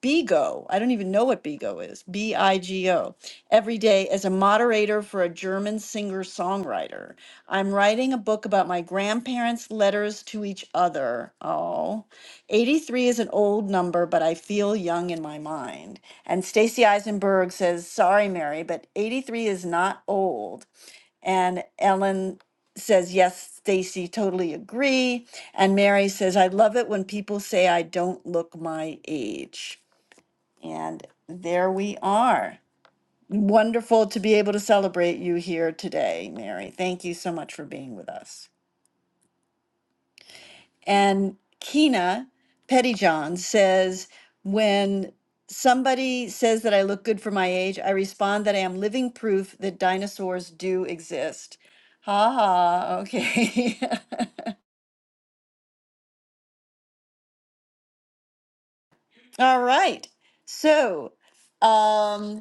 C: BIGO. I don't even know what BIGO is. B I G O. Every day as a moderator for a German singer songwriter. I'm writing a book about my grandparents' letters to each other. Oh, 83 is an old number, but I feel young in my mind. And Stacy Eisenberg says, Sorry, Mary, but 83 is not old. And Ellen says, Yes, Stacy, totally agree. And Mary says, I love it when people say I don't look my age. And there we are. Wonderful to be able to celebrate you here today, Mary. Thank you so much for being with us. And Kina Pettyjohn says, when somebody says that I look good for my age, I respond that I am living proof that dinosaurs do exist. Ha ha, okay. [LAUGHS] All right. So, um,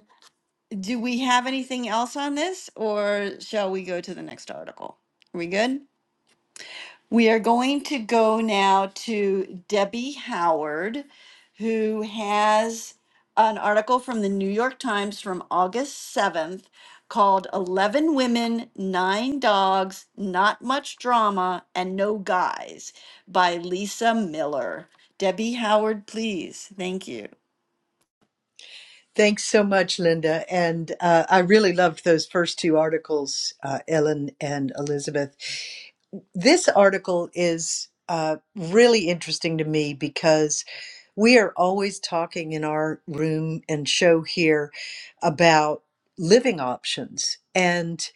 C: Do we have anything else on this or shall we go to the next article? Are we good? We are going to go now to Debbie Howard, who has an article from the New York Times from August 7th called 11 Women, Nine Dogs, Not Much Drama, and No Guys by Lisa Miller. Debbie Howard, please. Thank you.
B: thanks so much, Linda, and uh, I really loved those first two articles, uh, Ellen and Elizabeth. this article is uh, really interesting to me because we are always talking in our room and show here about living options. And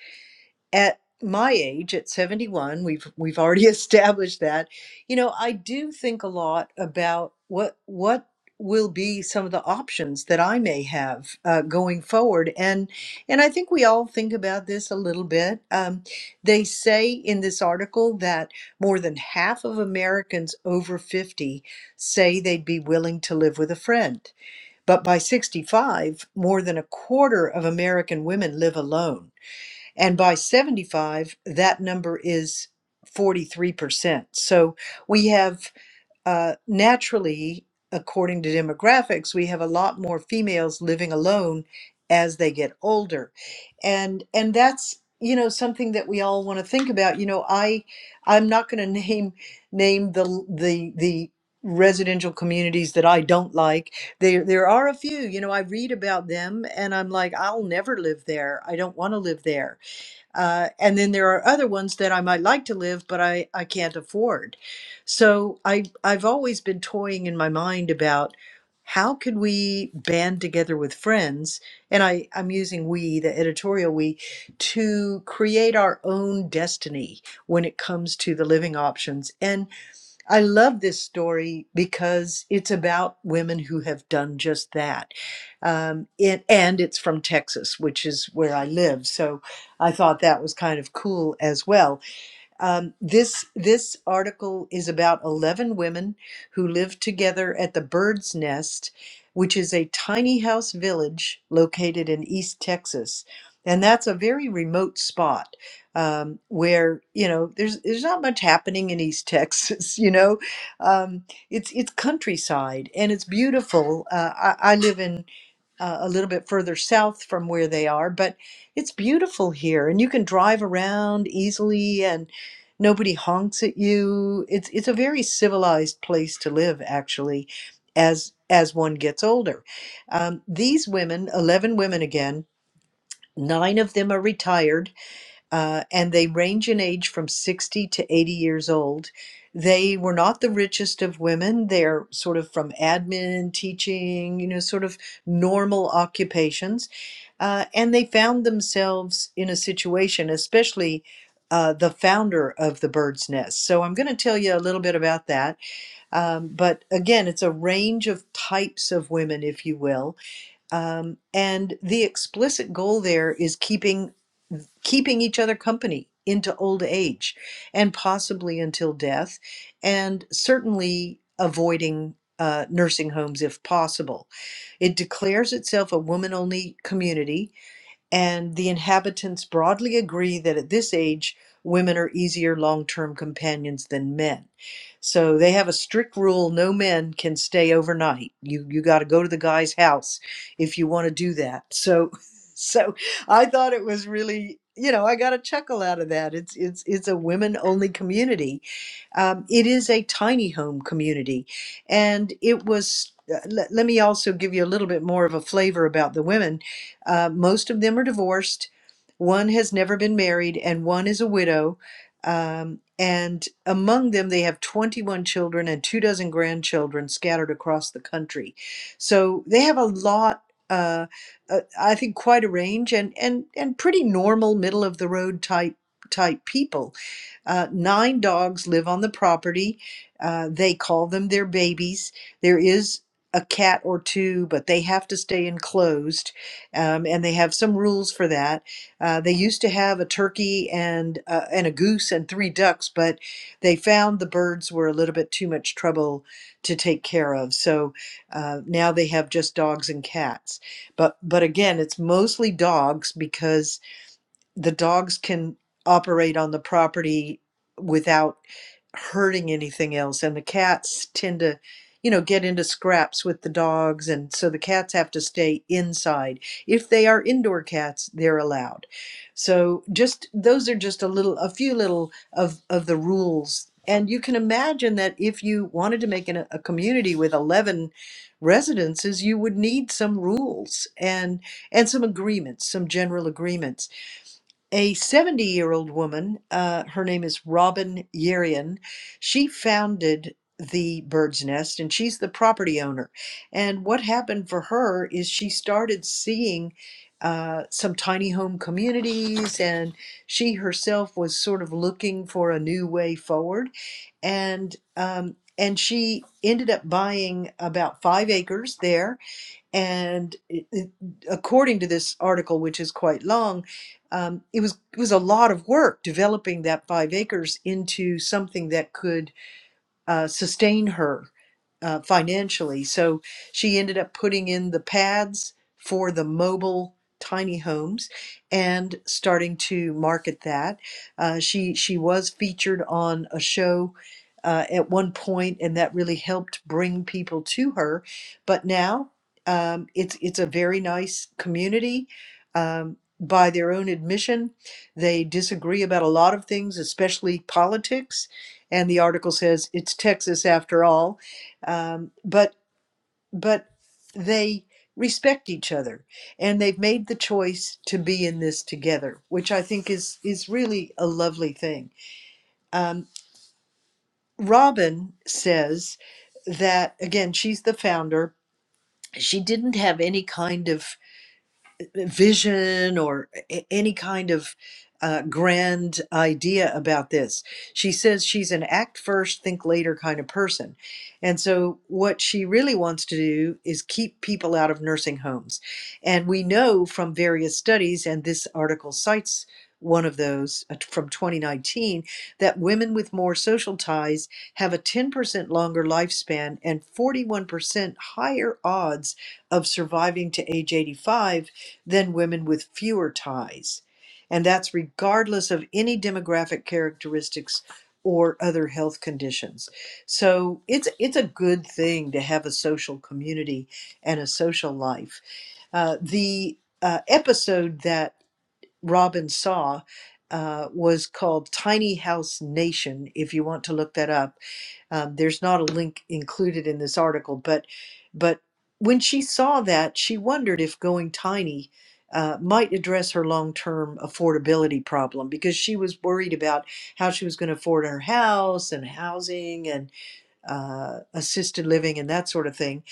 B: at my age at 71 we've we've already [LAUGHS] established that you know i do think a lot about what what will be some of the options that i may have uh, going forward and and i think we all think about this a little bit um, they say in this article that more than half of americans over 50 say they'd be willing to live with a friend but by 65 more than a quarter of american women live alone and by 75, that number is 43%. So we have uh, naturally, according to demographics, we have a lot more females living alone as they get older. And and that's you know something that we all want to think about. You know, I I'm not going to [LAUGHS] name name the the the residential communities that I don't like. There there are a few. You know, I read about them and I'm like, I'll never live there. I don't want to live there uh, and then there are other ones that I might like to live, but I, I can't afford. So I, I've always been toying in my mind about how could we band together with friends, and I, I'm using we, the editorial we, to create our own destiny when it comes to the living options. And I love this story because it's about women who have done just that. Um, it, and it's from Texas, which is where I live. So I thought that was kind of cool as well. Um, this this article is about eleven women who live together at the Bird's Nest, which is a tiny house village located in East Texas, and that's a very remote spot um, where you know there's there's not much happening in East Texas. [LAUGHS] You know, um, it's it's countryside and it's beautiful. Uh, I, I live in uh, a little bit further south from where they are, but it's beautiful here and you can drive around easily and nobody honks at you. It's it's a very civilized place to live actually as as one gets older. Um, these women, 11 women again, nine of them are retired uh, and they range in age from 60 to 80 years old. They were not the richest of women. They're sort of from admin, teaching, you know, sort of normal occupations. Uh, and they found themselves in a situation, especially uh, the founder of the bird's nest. So I'm going to tell you a little bit about that. Um, but again, it's a range of types of women, if you will. Um, and the explicit goal there is keeping keeping each other company into old age and possibly until death, and certainly avoiding uh, nursing homes if possible. It declares itself a woman only community and the inhabitants broadly agree that at this age, women are easier long term companions than men. So they have a strict rule no men can stay overnight. You, you got to go to the guy's house if you want to do that. So, [LAUGHS] so I thought it was really. You know, I got a chuckle out of that. It's it's it's a women-only community. Um, it is a tiny home community, and it was. Uh, let, let me also give you a little bit more of a flavor about the women uh, most of them are divorced. One has never been married, and one is a widow. Um, and among them, they have 21 children and two dozen grandchildren scattered across the country. So they have a lot. Uh, uh, I think quite a range, and and and pretty normal, middle of the road type type people. Uh, nine dogs live on the property. Uh, they call them their babies. There is a cat or two, but they have to stay enclosed um, and they have some rules for that. Uh, they used to have a turkey and uh, and a goose and three ducks, but they found the birds were a little bit too much trouble to take care of. So uh, now they have just dogs and cats. But but again, it's mostly dogs because the dogs can operate on the property without hurting anything else and the cats tend to you know get into scraps with the dogs and so the cats have to stay inside if they are indoor cats they're allowed so just those are just a little a few little of of the rules and you can imagine that if you wanted to make an, a community with 11 residences you would need some rules and and some agreements some general agreements a 70 year old woman, uh, her name is Robin Yerian. She founded the Bird's Nest and she's the property owner. And what happened for her is she started seeing uh, some tiny home communities and she herself was sort of looking for a new way forward. And um, and she ended up buying about five acres there and it, it, according to this article, which is quite long, um, it was it was a lot of work developing that five acres into something that could uh, sustain her uh, financially. So she ended up putting in the pads for the mobile tiny homes and starting to market that. Uh, she she was featured on a show. Uh, at one point, and that really helped bring people to her. But now, um, it's it's a very nice community. Um, by their own admission, they disagree about a lot of things, especially politics and the article says it's Texas after all. Um, but but they respect each other, and they've made the choice to be in this together, which I think is is really a lovely thing. Um, Robin says that again. She's the founder. She didn't have any kind of vision or a- any kind of uh, grand idea about this. She says she's an act first, think later kind of person. And so, what she really wants to do is keep people out of nursing homes. And we know from various studies, and this article cites one of those uh, from 2019, that women with more social ties have a 10% longer lifespan and 41% higher odds of surviving to age 85 than women with fewer ties. And that's regardless of any demographic characteristics or other health conditions. So it's it's a good thing to have a social community and a social life. Uh, the uh, episode that Robin saw uh, was called Tiny House Nation. If you want to look that up, um, there's not a link included in this article, but but when she saw that, she wondered if going tiny uh, might address her long-term affordability problem because she was worried about how she was going to afford her house and housing and uh, assisted living and that sort of thing.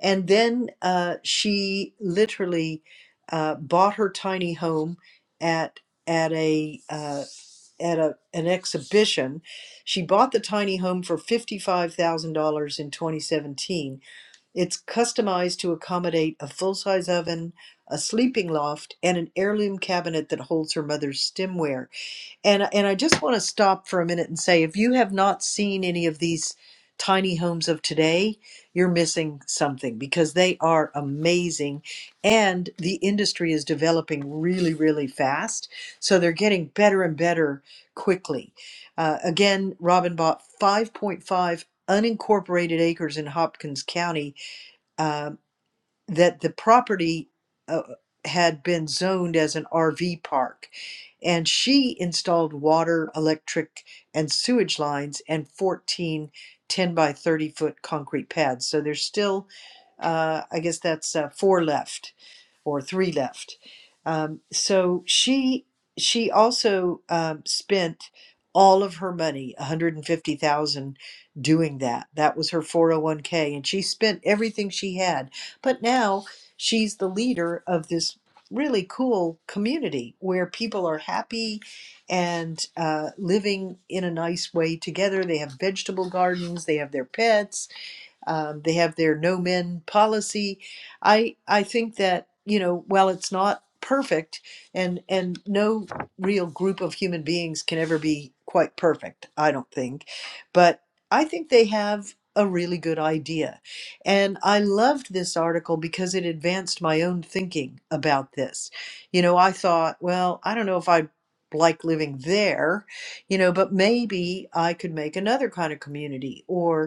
B: And then uh, she literally uh, bought her tiny home at at a uh, at a, an exhibition. She bought the tiny home for $55,000 in 2017. It's customized to accommodate a full size oven, a sleeping loft, and an heirloom cabinet that holds her mother's stemware. And and I just want to stop for a minute and say, if you have not seen any of these tiny homes of today, you're missing something because they are amazing, and the industry is developing really, really fast. So they're getting better and better quickly. Uh, again, Robin bought 5.5 unincorporated acres in Hopkins County um, that the property uh, had been zoned as an RV park. And she installed water, electric, and sewage lines and 14 10 by 30 foot concrete pads. So there's still, uh, I guess that's uh, four left or three left. Um, so she she also um, spent all of her money, 150,000, doing that. That was her 401k, and she spent everything she had but now she's the leader of this really cool community where people are happy and uh, living in a nice way together. They have vegetable gardens, they have their pets, um, they have their no men policy. I I think that you know while it's not perfect, and and no real group of human beings can ever be quite perfect. I don't think, but I think they have a really good idea, and I loved this article because it advanced my own thinking about this. You know, I thought, well, I don't know if I like living there you know but maybe i could make another kind of community or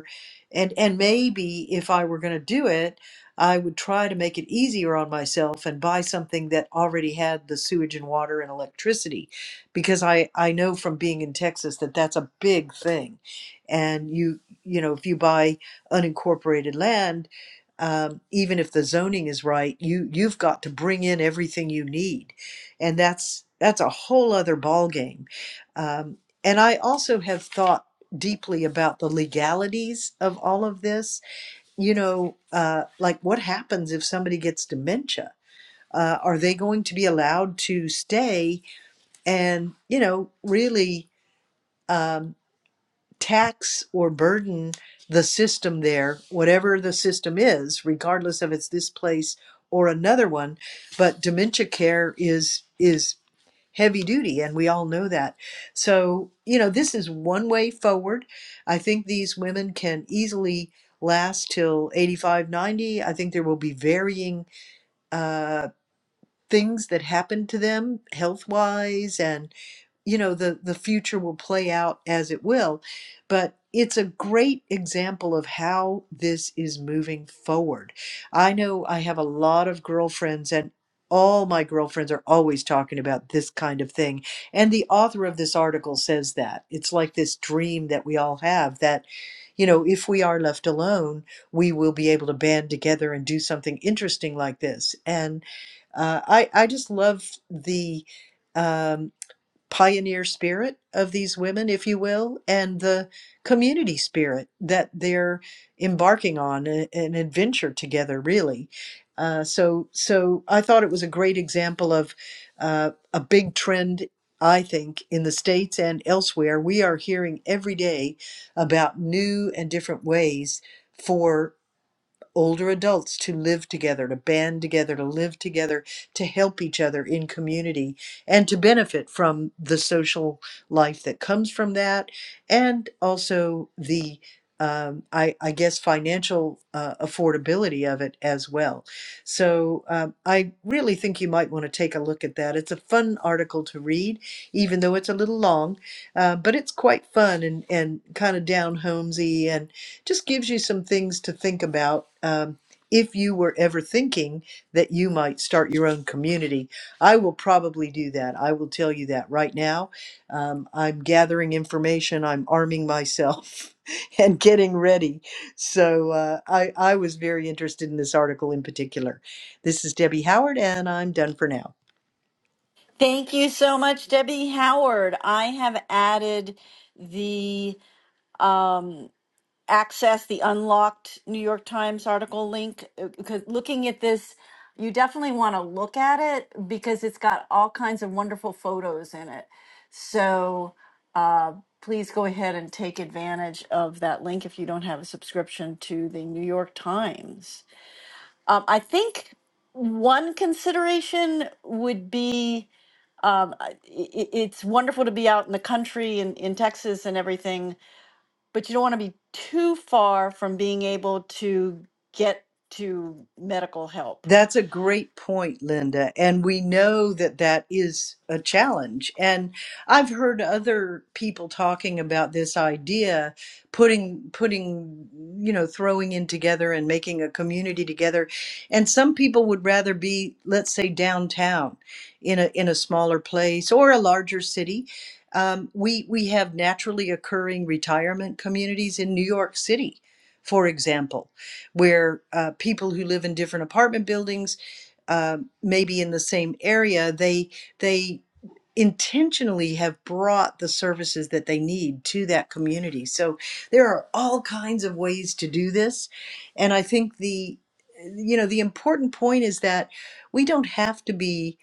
B: and and maybe if I were going to do it, I would try to make it easier on myself and buy something that already had the sewage and water and electricity, because I I know from being in Texas that that's a big thing, and you you know if you buy unincorporated land. Um, even if the zoning is right, you you've got to bring in everything you need, and that's that's a whole other ball game. Um, and I also have thought deeply about the legalities of all of this. You know, uh, like what happens if somebody gets dementia? Uh, are they going to be allowed to stay and, you know, really um, tax or burden the system there, whatever the system is, regardless of it's this place or another one? But dementia care is is heavy duty and we all know that so you know this is one way forward i think these women can easily last till 85, 90. i think there will be varying uh, things that happened to them health wise and you know the the future will play out as it will but it's a great example of how this is moving forward i know i have a lot of girlfriends and all my girlfriends are always talking about this kind of thing and the author of this article says that it's like this dream that we all have that you know if we are left alone we will be able to band together and do something interesting like this And uh, I I just love the um, pioneer spirit of these women, if you will, and the community spirit that they're embarking on a- an adventure together, really. Uh, so so I thought it was a great example of uh, a big trend. I think in the States and elsewhere, we are hearing every day about new and different ways older adults to live together, to band together, to live together, to help each other in community, and to benefit from the social life that comes from that, and also the um, I, I guess financial uh, affordability of it as well. So um, I really think you might want to take a look at that. It's a fun article to read, even though it's a little long, uh, but it's quite fun and, and kind of down homesy and just gives you some things to think about. Um, if you were ever thinking that you might start your own community, I will probably do that. I will tell you that right now. Um, I'm gathering information, I'm arming myself, [LAUGHS] and getting ready. So uh, I, I was very interested in this article in particular. This is Debbie Howard, and I'm done for now.
C: Thank you so much, Debbie Howard. I have added the um, access, the unlocked New York Times article link uh, because looking at this, you definitely want to look at it because it's got all kinds of wonderful photos in it. So uh, please go ahead and take advantage of that link if you don't have a subscription to the New York Times. Um, I think one consideration would be. Um, I- i- it's wonderful to be out in the country and in Texas and everything, but you don't want to be too far from being able to get to medical help.
B: That's a great point, Linda. And we know that that is a challenge. And I've heard other people talking about this idea, putting, putting, you know, throwing in together and making a community together. And some people would rather be, let's say, downtown in a, in a smaller place or a larger city. Um, we, we have naturally occurring retirement communities in New York City, for example where uh, people who live in different apartment buildings, uh, maybe in the same area, they they intentionally have brought the services that they need to that community. So there are all kinds of ways to do this, and I think the you know the important point is that we don't have to be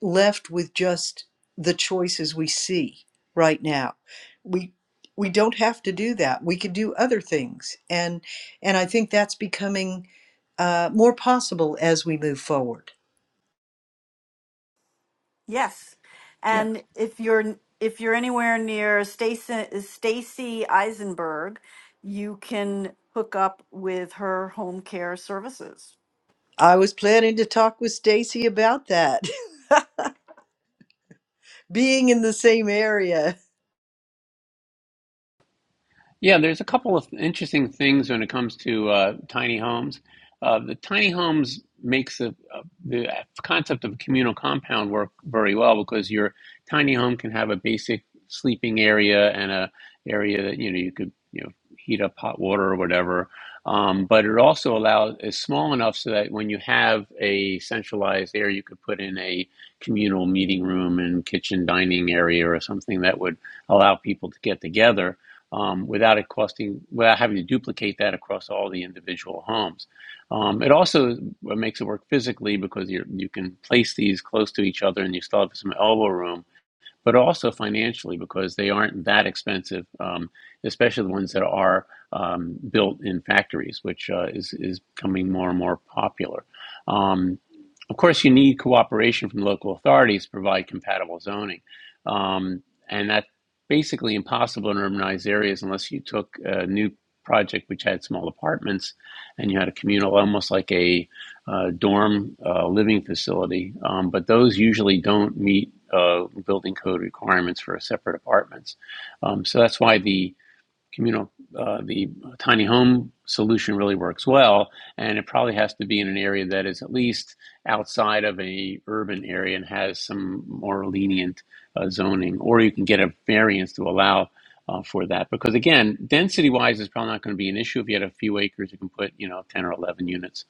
B: left with just the choices we see right now. We we don't have to do that. We could do other things, and and I think that's becoming uh, more possible as we move forward.
C: Yes.
A: Yeah.
C: And if you're if you're anywhere near Stacy Stacy Eisenberg, you can hook up with her home care services.
B: I was planning to talk with Stacy about that, [LAUGHS] being in the same area.
A: Yeah, there's a couple of interesting things when it comes to uh, tiny homes. Uh, the tiny homes makes the uh, the concept of a communal compound work very well because your tiny home can have a basic sleeping area and a area that you know you could you know heat up hot water or whatever. Um, but it also allows is small enough so that when you have a centralized area, you could put in a communal meeting room and kitchen dining area or something that would allow people to get together um, without it costing, without having to duplicate that across all the individual homes. Um, it also makes it work physically because you you can place these close to each other and you still have some elbow room, but also financially because they aren't that expensive, um, especially the ones that are um, built in factories, which uh, is is becoming more and more popular. Um, of course, you need cooperation from local authorities to provide compatible zoning. Um, and that's basically impossible in urbanized areas unless you took a new project which had small apartments and you had a communal, almost like a uh, dorm uh, living facility. Um, but those usually don't meet uh, building code requirements for separate apartments. Um, so that's why the communal, uh, the tiny home solution really works well, and it probably has to be in an area that is at least outside of a urban area and has some more lenient uh, zoning, or you can get a variance to allow uh, for that. Because again, density wise is probably not going to be an issue. If you had a few acres, you can put you know ten or eleven units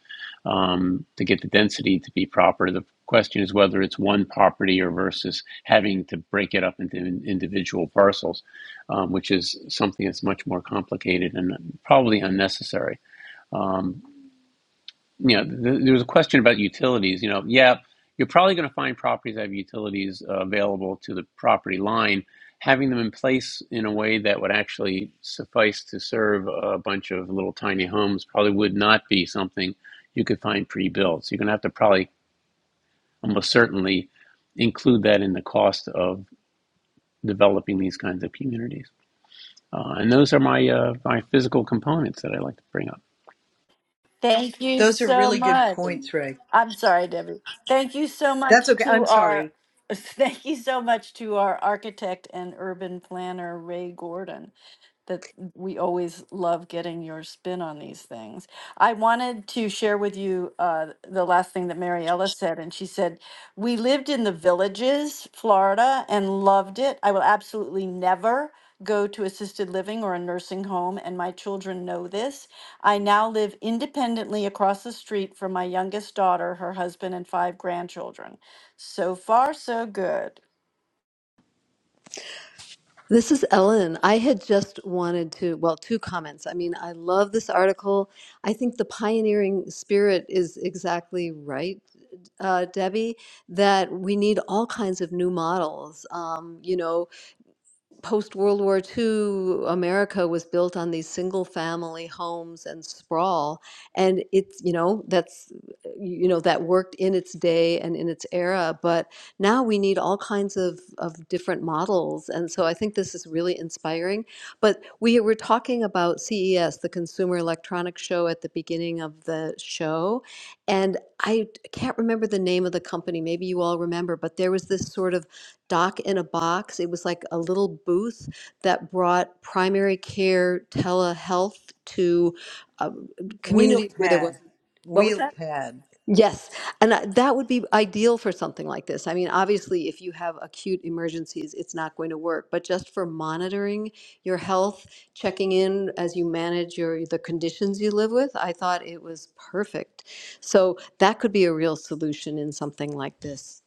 A: um, to get the density to be proper. The question is whether it's one property or versus having to break it up into individual parcels um, which is something that's much more complicated and probably unnecessary. Um, you know, th- there was a question about utilities. You know, yeah, you're probably going to find properties that have utilities uh, available to the property line. Having them in place in a way that would actually suffice to serve a bunch of little tiny homes probably would not be something you could find pre-built. So you're going to have to probably almost certainly include that in the cost of developing these kinds of communities. Uh, and those are my uh, my physical components that I like to bring up.
C: Thank you
B: Those are
C: so
B: really good
C: much.
B: points, Ray.
C: I'm sorry, Debbie. Thank you so
B: That's
C: much
B: okay.
C: to
B: I'm
C: our
B: sorry.
C: [LAUGHS] thank you so much to our architect and urban planner Ray Gordon that we always love getting your spin on these things. I wanted to share with you uh, the last thing that Mariella said, and she said, We lived in the villages, Florida, and loved it. I will absolutely never go to assisted living or a nursing home, and my children know this. I now live independently across the street from my youngest daughter, her husband, and five grandchildren. So far, so good.
E: This is Ellen. I had just wanted to, well, two comments. I mean, I love this article. I think the pioneering spirit is exactly right, uh, Debbie, that we need all kinds of new models. Um, you know, post World War II, America was built on these single family homes and sprawl. And it's, you know, that's, you know, that worked in its day and in its era. But now we need all kinds of, of different models. And so I think this is really inspiring. But we were talking about CES, the Consumer Electronics Show, at the beginning of the show. And I can't remember the name of the company. Maybe you all remember, but there was this sort of doc in a box. It was like a little booth that brought primary care telehealth to um,
B: Wheel
E: communities where there was.
B: pad, wheel pad.
E: Yes, and I- that would be ideal for something like this. I mean, obviously, if you have acute emergencies, it's not going to work. But just for monitoring your health, checking in as you manage your the conditions you live with, I thought it was perfect. So that could be a real solution in something like this.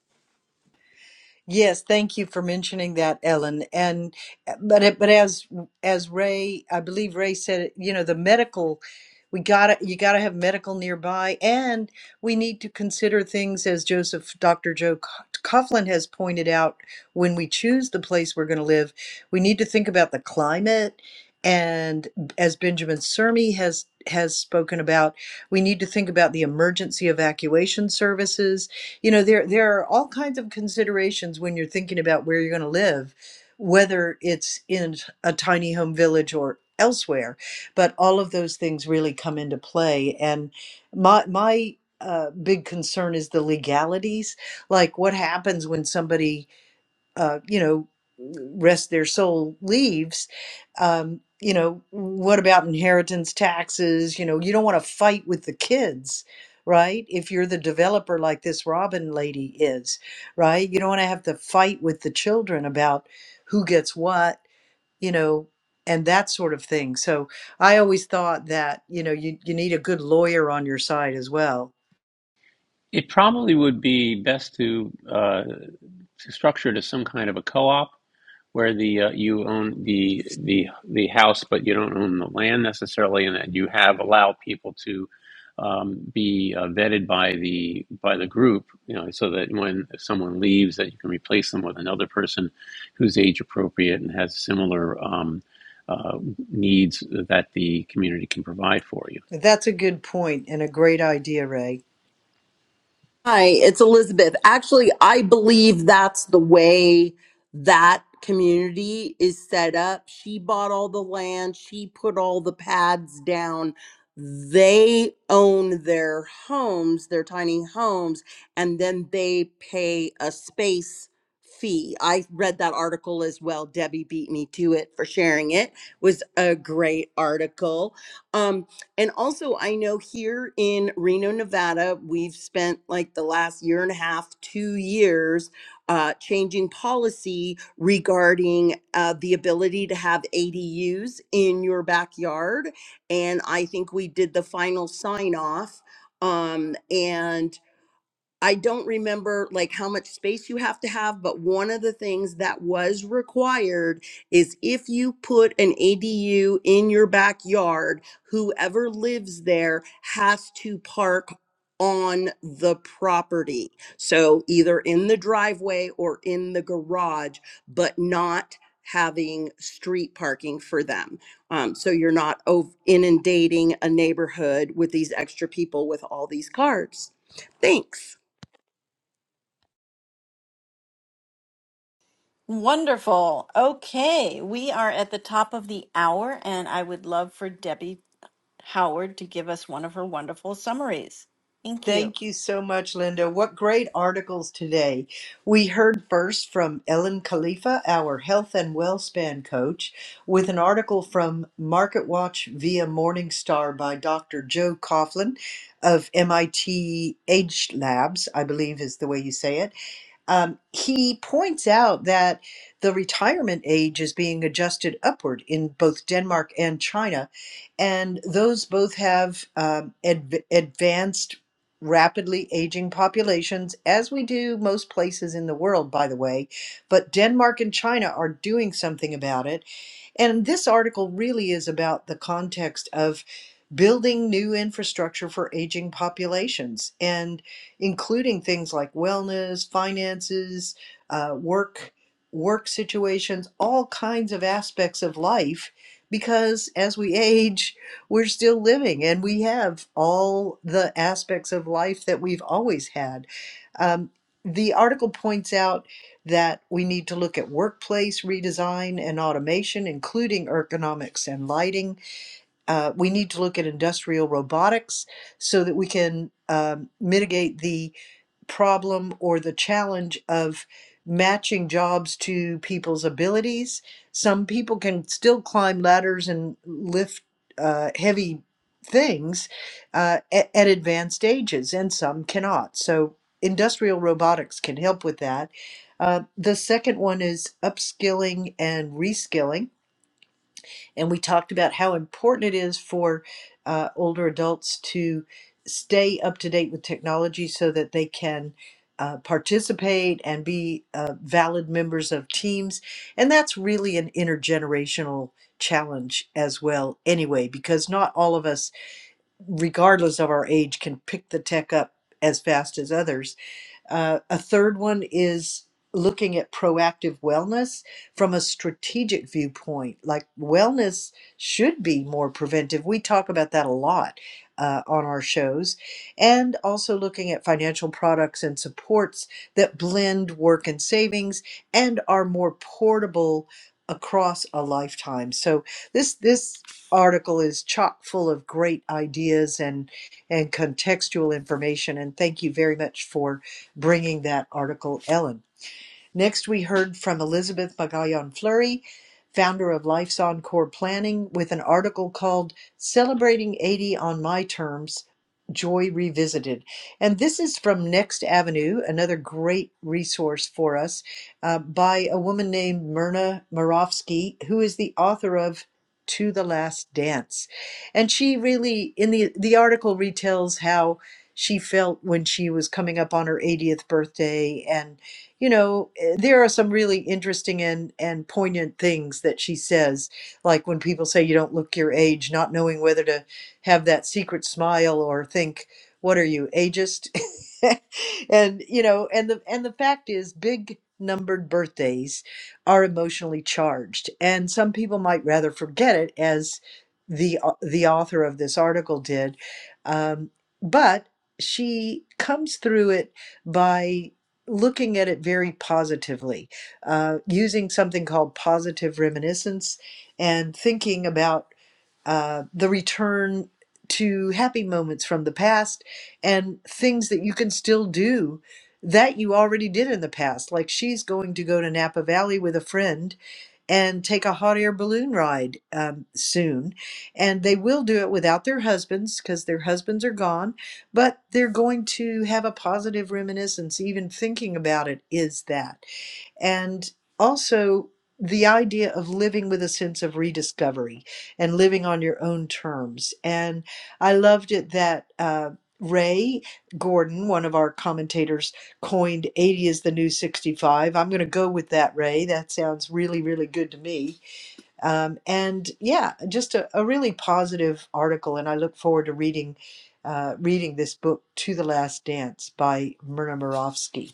B: Yes, thank you for mentioning that, Ellen. And but it, but as as Ray, I believe Ray said it, you know, the medical we got to you got to have medical nearby and we need to consider things as Joseph Dr. Joe Co- Coughlin has pointed out when we choose the place we're going to live, we need to think about the climate and as Benjamin Sermi has has spoken about, we need to think about the emergency evacuation services you know there there are all kinds of considerations when you're thinking about where you're going to live whether it's in a tiny home village or elsewhere but all of those things really come into play and my my uh, big concern is the legalities like what happens when somebody uh, you know, rest their soul leaves, um, you know, what about inheritance taxes? You know, you don't want to fight with the kids, right? If you're the developer like this Robin lady is, right? You don't want to have to fight with the children about who gets what, you know, and that sort of thing. So I always thought that, you know, you, you need a good lawyer on your side as well.
A: It probably would be best to, uh, to structure it as some kind of a co-op where the uh, you own the the the house, but you don't own the land necessarily, and that you have allow people to um, be uh, vetted by the by the group, you know, so that when someone leaves, that you can replace them with another person who's age appropriate and has similar um, uh, needs that the community can provide for you.
B: That's a good point and a great idea, Ray.
D: Hi, it's Elizabeth. Actually, I believe that's the way that community is set up. She bought all the land, she put all the pads down. They own their homes, their tiny homes, and then they pay a space fee. I read that article as well. Debbie beat me to it for sharing it. Was a great article. Um and also, I know here in Reno, Nevada, we've spent like the last year and a half, two years, uh, changing policy regarding uh, the ability to have ADUs in your backyard. And I think we did the final sign off. Um, And. I don't remember like how much space you have to have, but one of the things that was required is if you put an ADU in your backyard, whoever lives there has to park on the property. So either in the driveway or in the garage, but not having street parking for them. Um, so you're not ov- inundating a neighborhood with these extra people with all these cars. Thanks.
C: Wonderful. Okay, we are at the top of the hour, and I would love for Debbie Howard to give us one of her wonderful summaries. Thank you.
B: Thank you so much, Linda. What great articles today. We heard first from Ellen Khalifa, our health and well span coach, with an article from Market Watch via Morningstar by Dr. Joe Coughlin of MIT Age Labs, I believe is the way you say it um, he points out that the retirement age is being adjusted upward in both Denmark and China, and those both have um, adv- advanced, rapidly aging populations, as we do most places in the world, by the way. But Denmark and China are doing something about it and this article really is about the context of building new infrastructure for aging populations and including things like wellness, finances, uh, work, work situations, all kinds of aspects of life. Because as we age, we're still living and we have all the aspects of life that we've always had. Um, the article points out that we need to look at workplace redesign and automation, including ergonomics and lighting. Uh, we need to look at industrial robotics so that we can um, mitigate the problem or the challenge of matching jobs to people's abilities. Some people can still climb ladders and lift uh, heavy things uh, at, at advanced ages, and some cannot. So, industrial robotics can help with that. Uh, the second one is upskilling and reskilling and we talked about how important it is for uh, older adults to stay up to date with technology so that they can uh, participate and be uh, valid members of teams. And that's really an intergenerational challenge as well, anyway, because not all of us, regardless of our age, can pick the tech up as fast as others uh, a third one is looking at proactive wellness from a strategic viewpoint. Like wellness should be more preventive. We talk about that a lot uh, on our shows. And also looking at financial products and supports that blend work and savings and are more portable across a lifetime. So this this article is chock full of great ideas and and contextual information and thank you very much for bringing that article Ellen Next we heard from Elizabeth Magallon Fleury, founder of Life's Encore Planning, with an article called Celebrating 80 on My Terms Joy Revisited. And this is from Next Avenue, another great resource for us, uh, by a woman named Myrna Morofsky, who is the author of To the Last Dance. And she really, in the, the article, retells how she felt when she was coming up on her 80th birthday and you know eh, there are some really interesting and and poignant things that she says like when people say you don't look your age not knowing whether to have that secret smile or think what are you ageist [LAUGHS] and you know and the and the fact is big numbered birthdays are emotionally charged and some people might rather forget it as the au- the author of this article did um, but she comes through it by looking at it very positively, uh, using something called positive reminiscence and thinking about uh, the return to happy moments from the past and things that you can still do that you already did in the past. Like she's going to go to Napa Valley with a friend and take a hot air balloon ride um, soon. And they will do it without their husbands because their husbands are gone, but they're going to have a positive reminiscence. Even thinking about it is that and also the idea of living with a sense of rediscovery and living on your own terms. And I loved it that uh, Ray Gordon, one of our commentators, coined 80 is the new 65. I'm going to go with that, Ray. That sounds really, really good to me. Um, and yeah, just a, a really positive article. And I look forward to reading. Uh, reading this book to the last dance by myrna Mirovsky.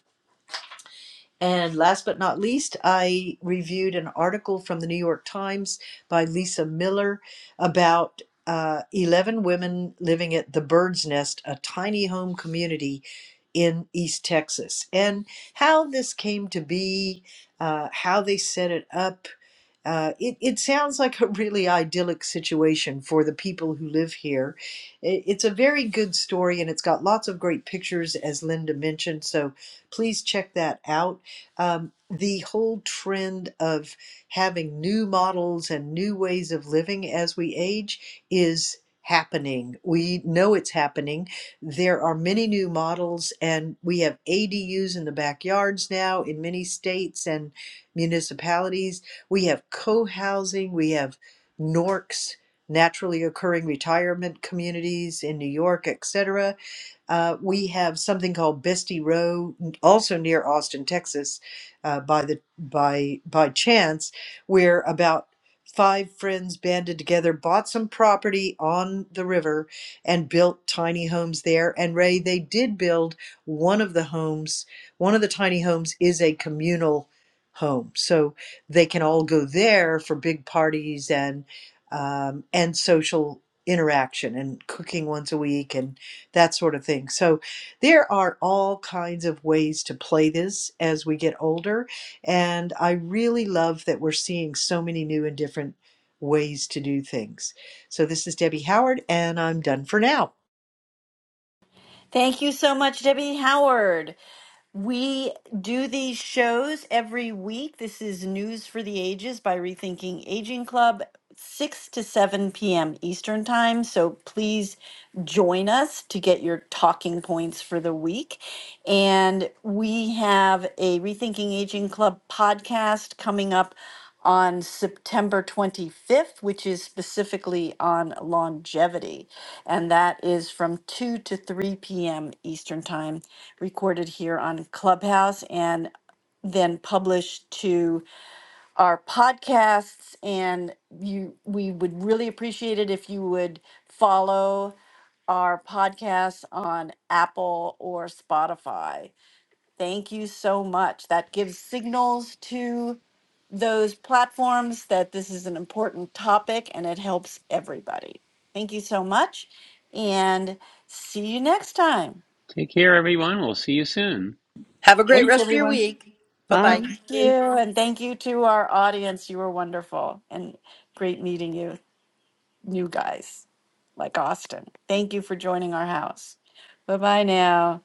B: And last but not least, I reviewed an article from the New York Times by Lisa Miller about uh, 11 women living at the Bird's Nest, a tiny home community in East Texas, and how this came to be, uh, how they set it up, uh, it, it sounds like a really idyllic situation for the people who live here. It, it's a very good story and it's got lots of great pictures, as Linda mentioned. So please check that out. Um, the whole trend of having new models and new ways of living as we age is happening. We know it's happening. There are many new models, and we have ADUs in the backyards now in many states and municipalities we have co housing, we have NORCs, naturally occurring retirement communities in New York, et cetera. Uh, we have something called Bestie Row, also near Austin, Texas, uh, by the by by chance, where about five friends banded together, bought some property on the river, and built tiny homes there. And Ray, they did build one of the homes. One of the tiny homes is a communal home, so they can all go there for big parties and um, and social interaction and cooking once a week and that sort of thing. So there are all kinds of ways to play this as we get older. And I really love that we're seeing so many new and different ways to do things. So this is Debbie Howard, and I'm done for now.
C: Thank you so much, Debbie Howard. We do these shows every week. This is News for the Ages by Rethinking Aging Club, 6 to 7 p.m. Eastern Time. So please join us to get your talking points for the week. And we have a Rethinking Aging Club podcast coming up on September 25th, which is specifically on longevity. And that is from 2 to 3 p.m. Eastern Time, recorded here on Clubhouse and then published to our podcasts. And you, we would really appreciate it if you would follow our podcasts on Apple or Spotify Thank you so much. That gives signals to those platforms that this is an important topic and it helps everybody. Thank you so much and see you next time.
A: Take care, everyone. We'll see you soon.
D: Have a great
B: Thanks,
D: rest of your
B: everyone.
D: week. Bye
E: Bye.
D: bye.
C: Thank you. And thank you to our audience. You were wonderful and great meeting you, new guys like Austin. Thank you for joining our house. Bye bye now.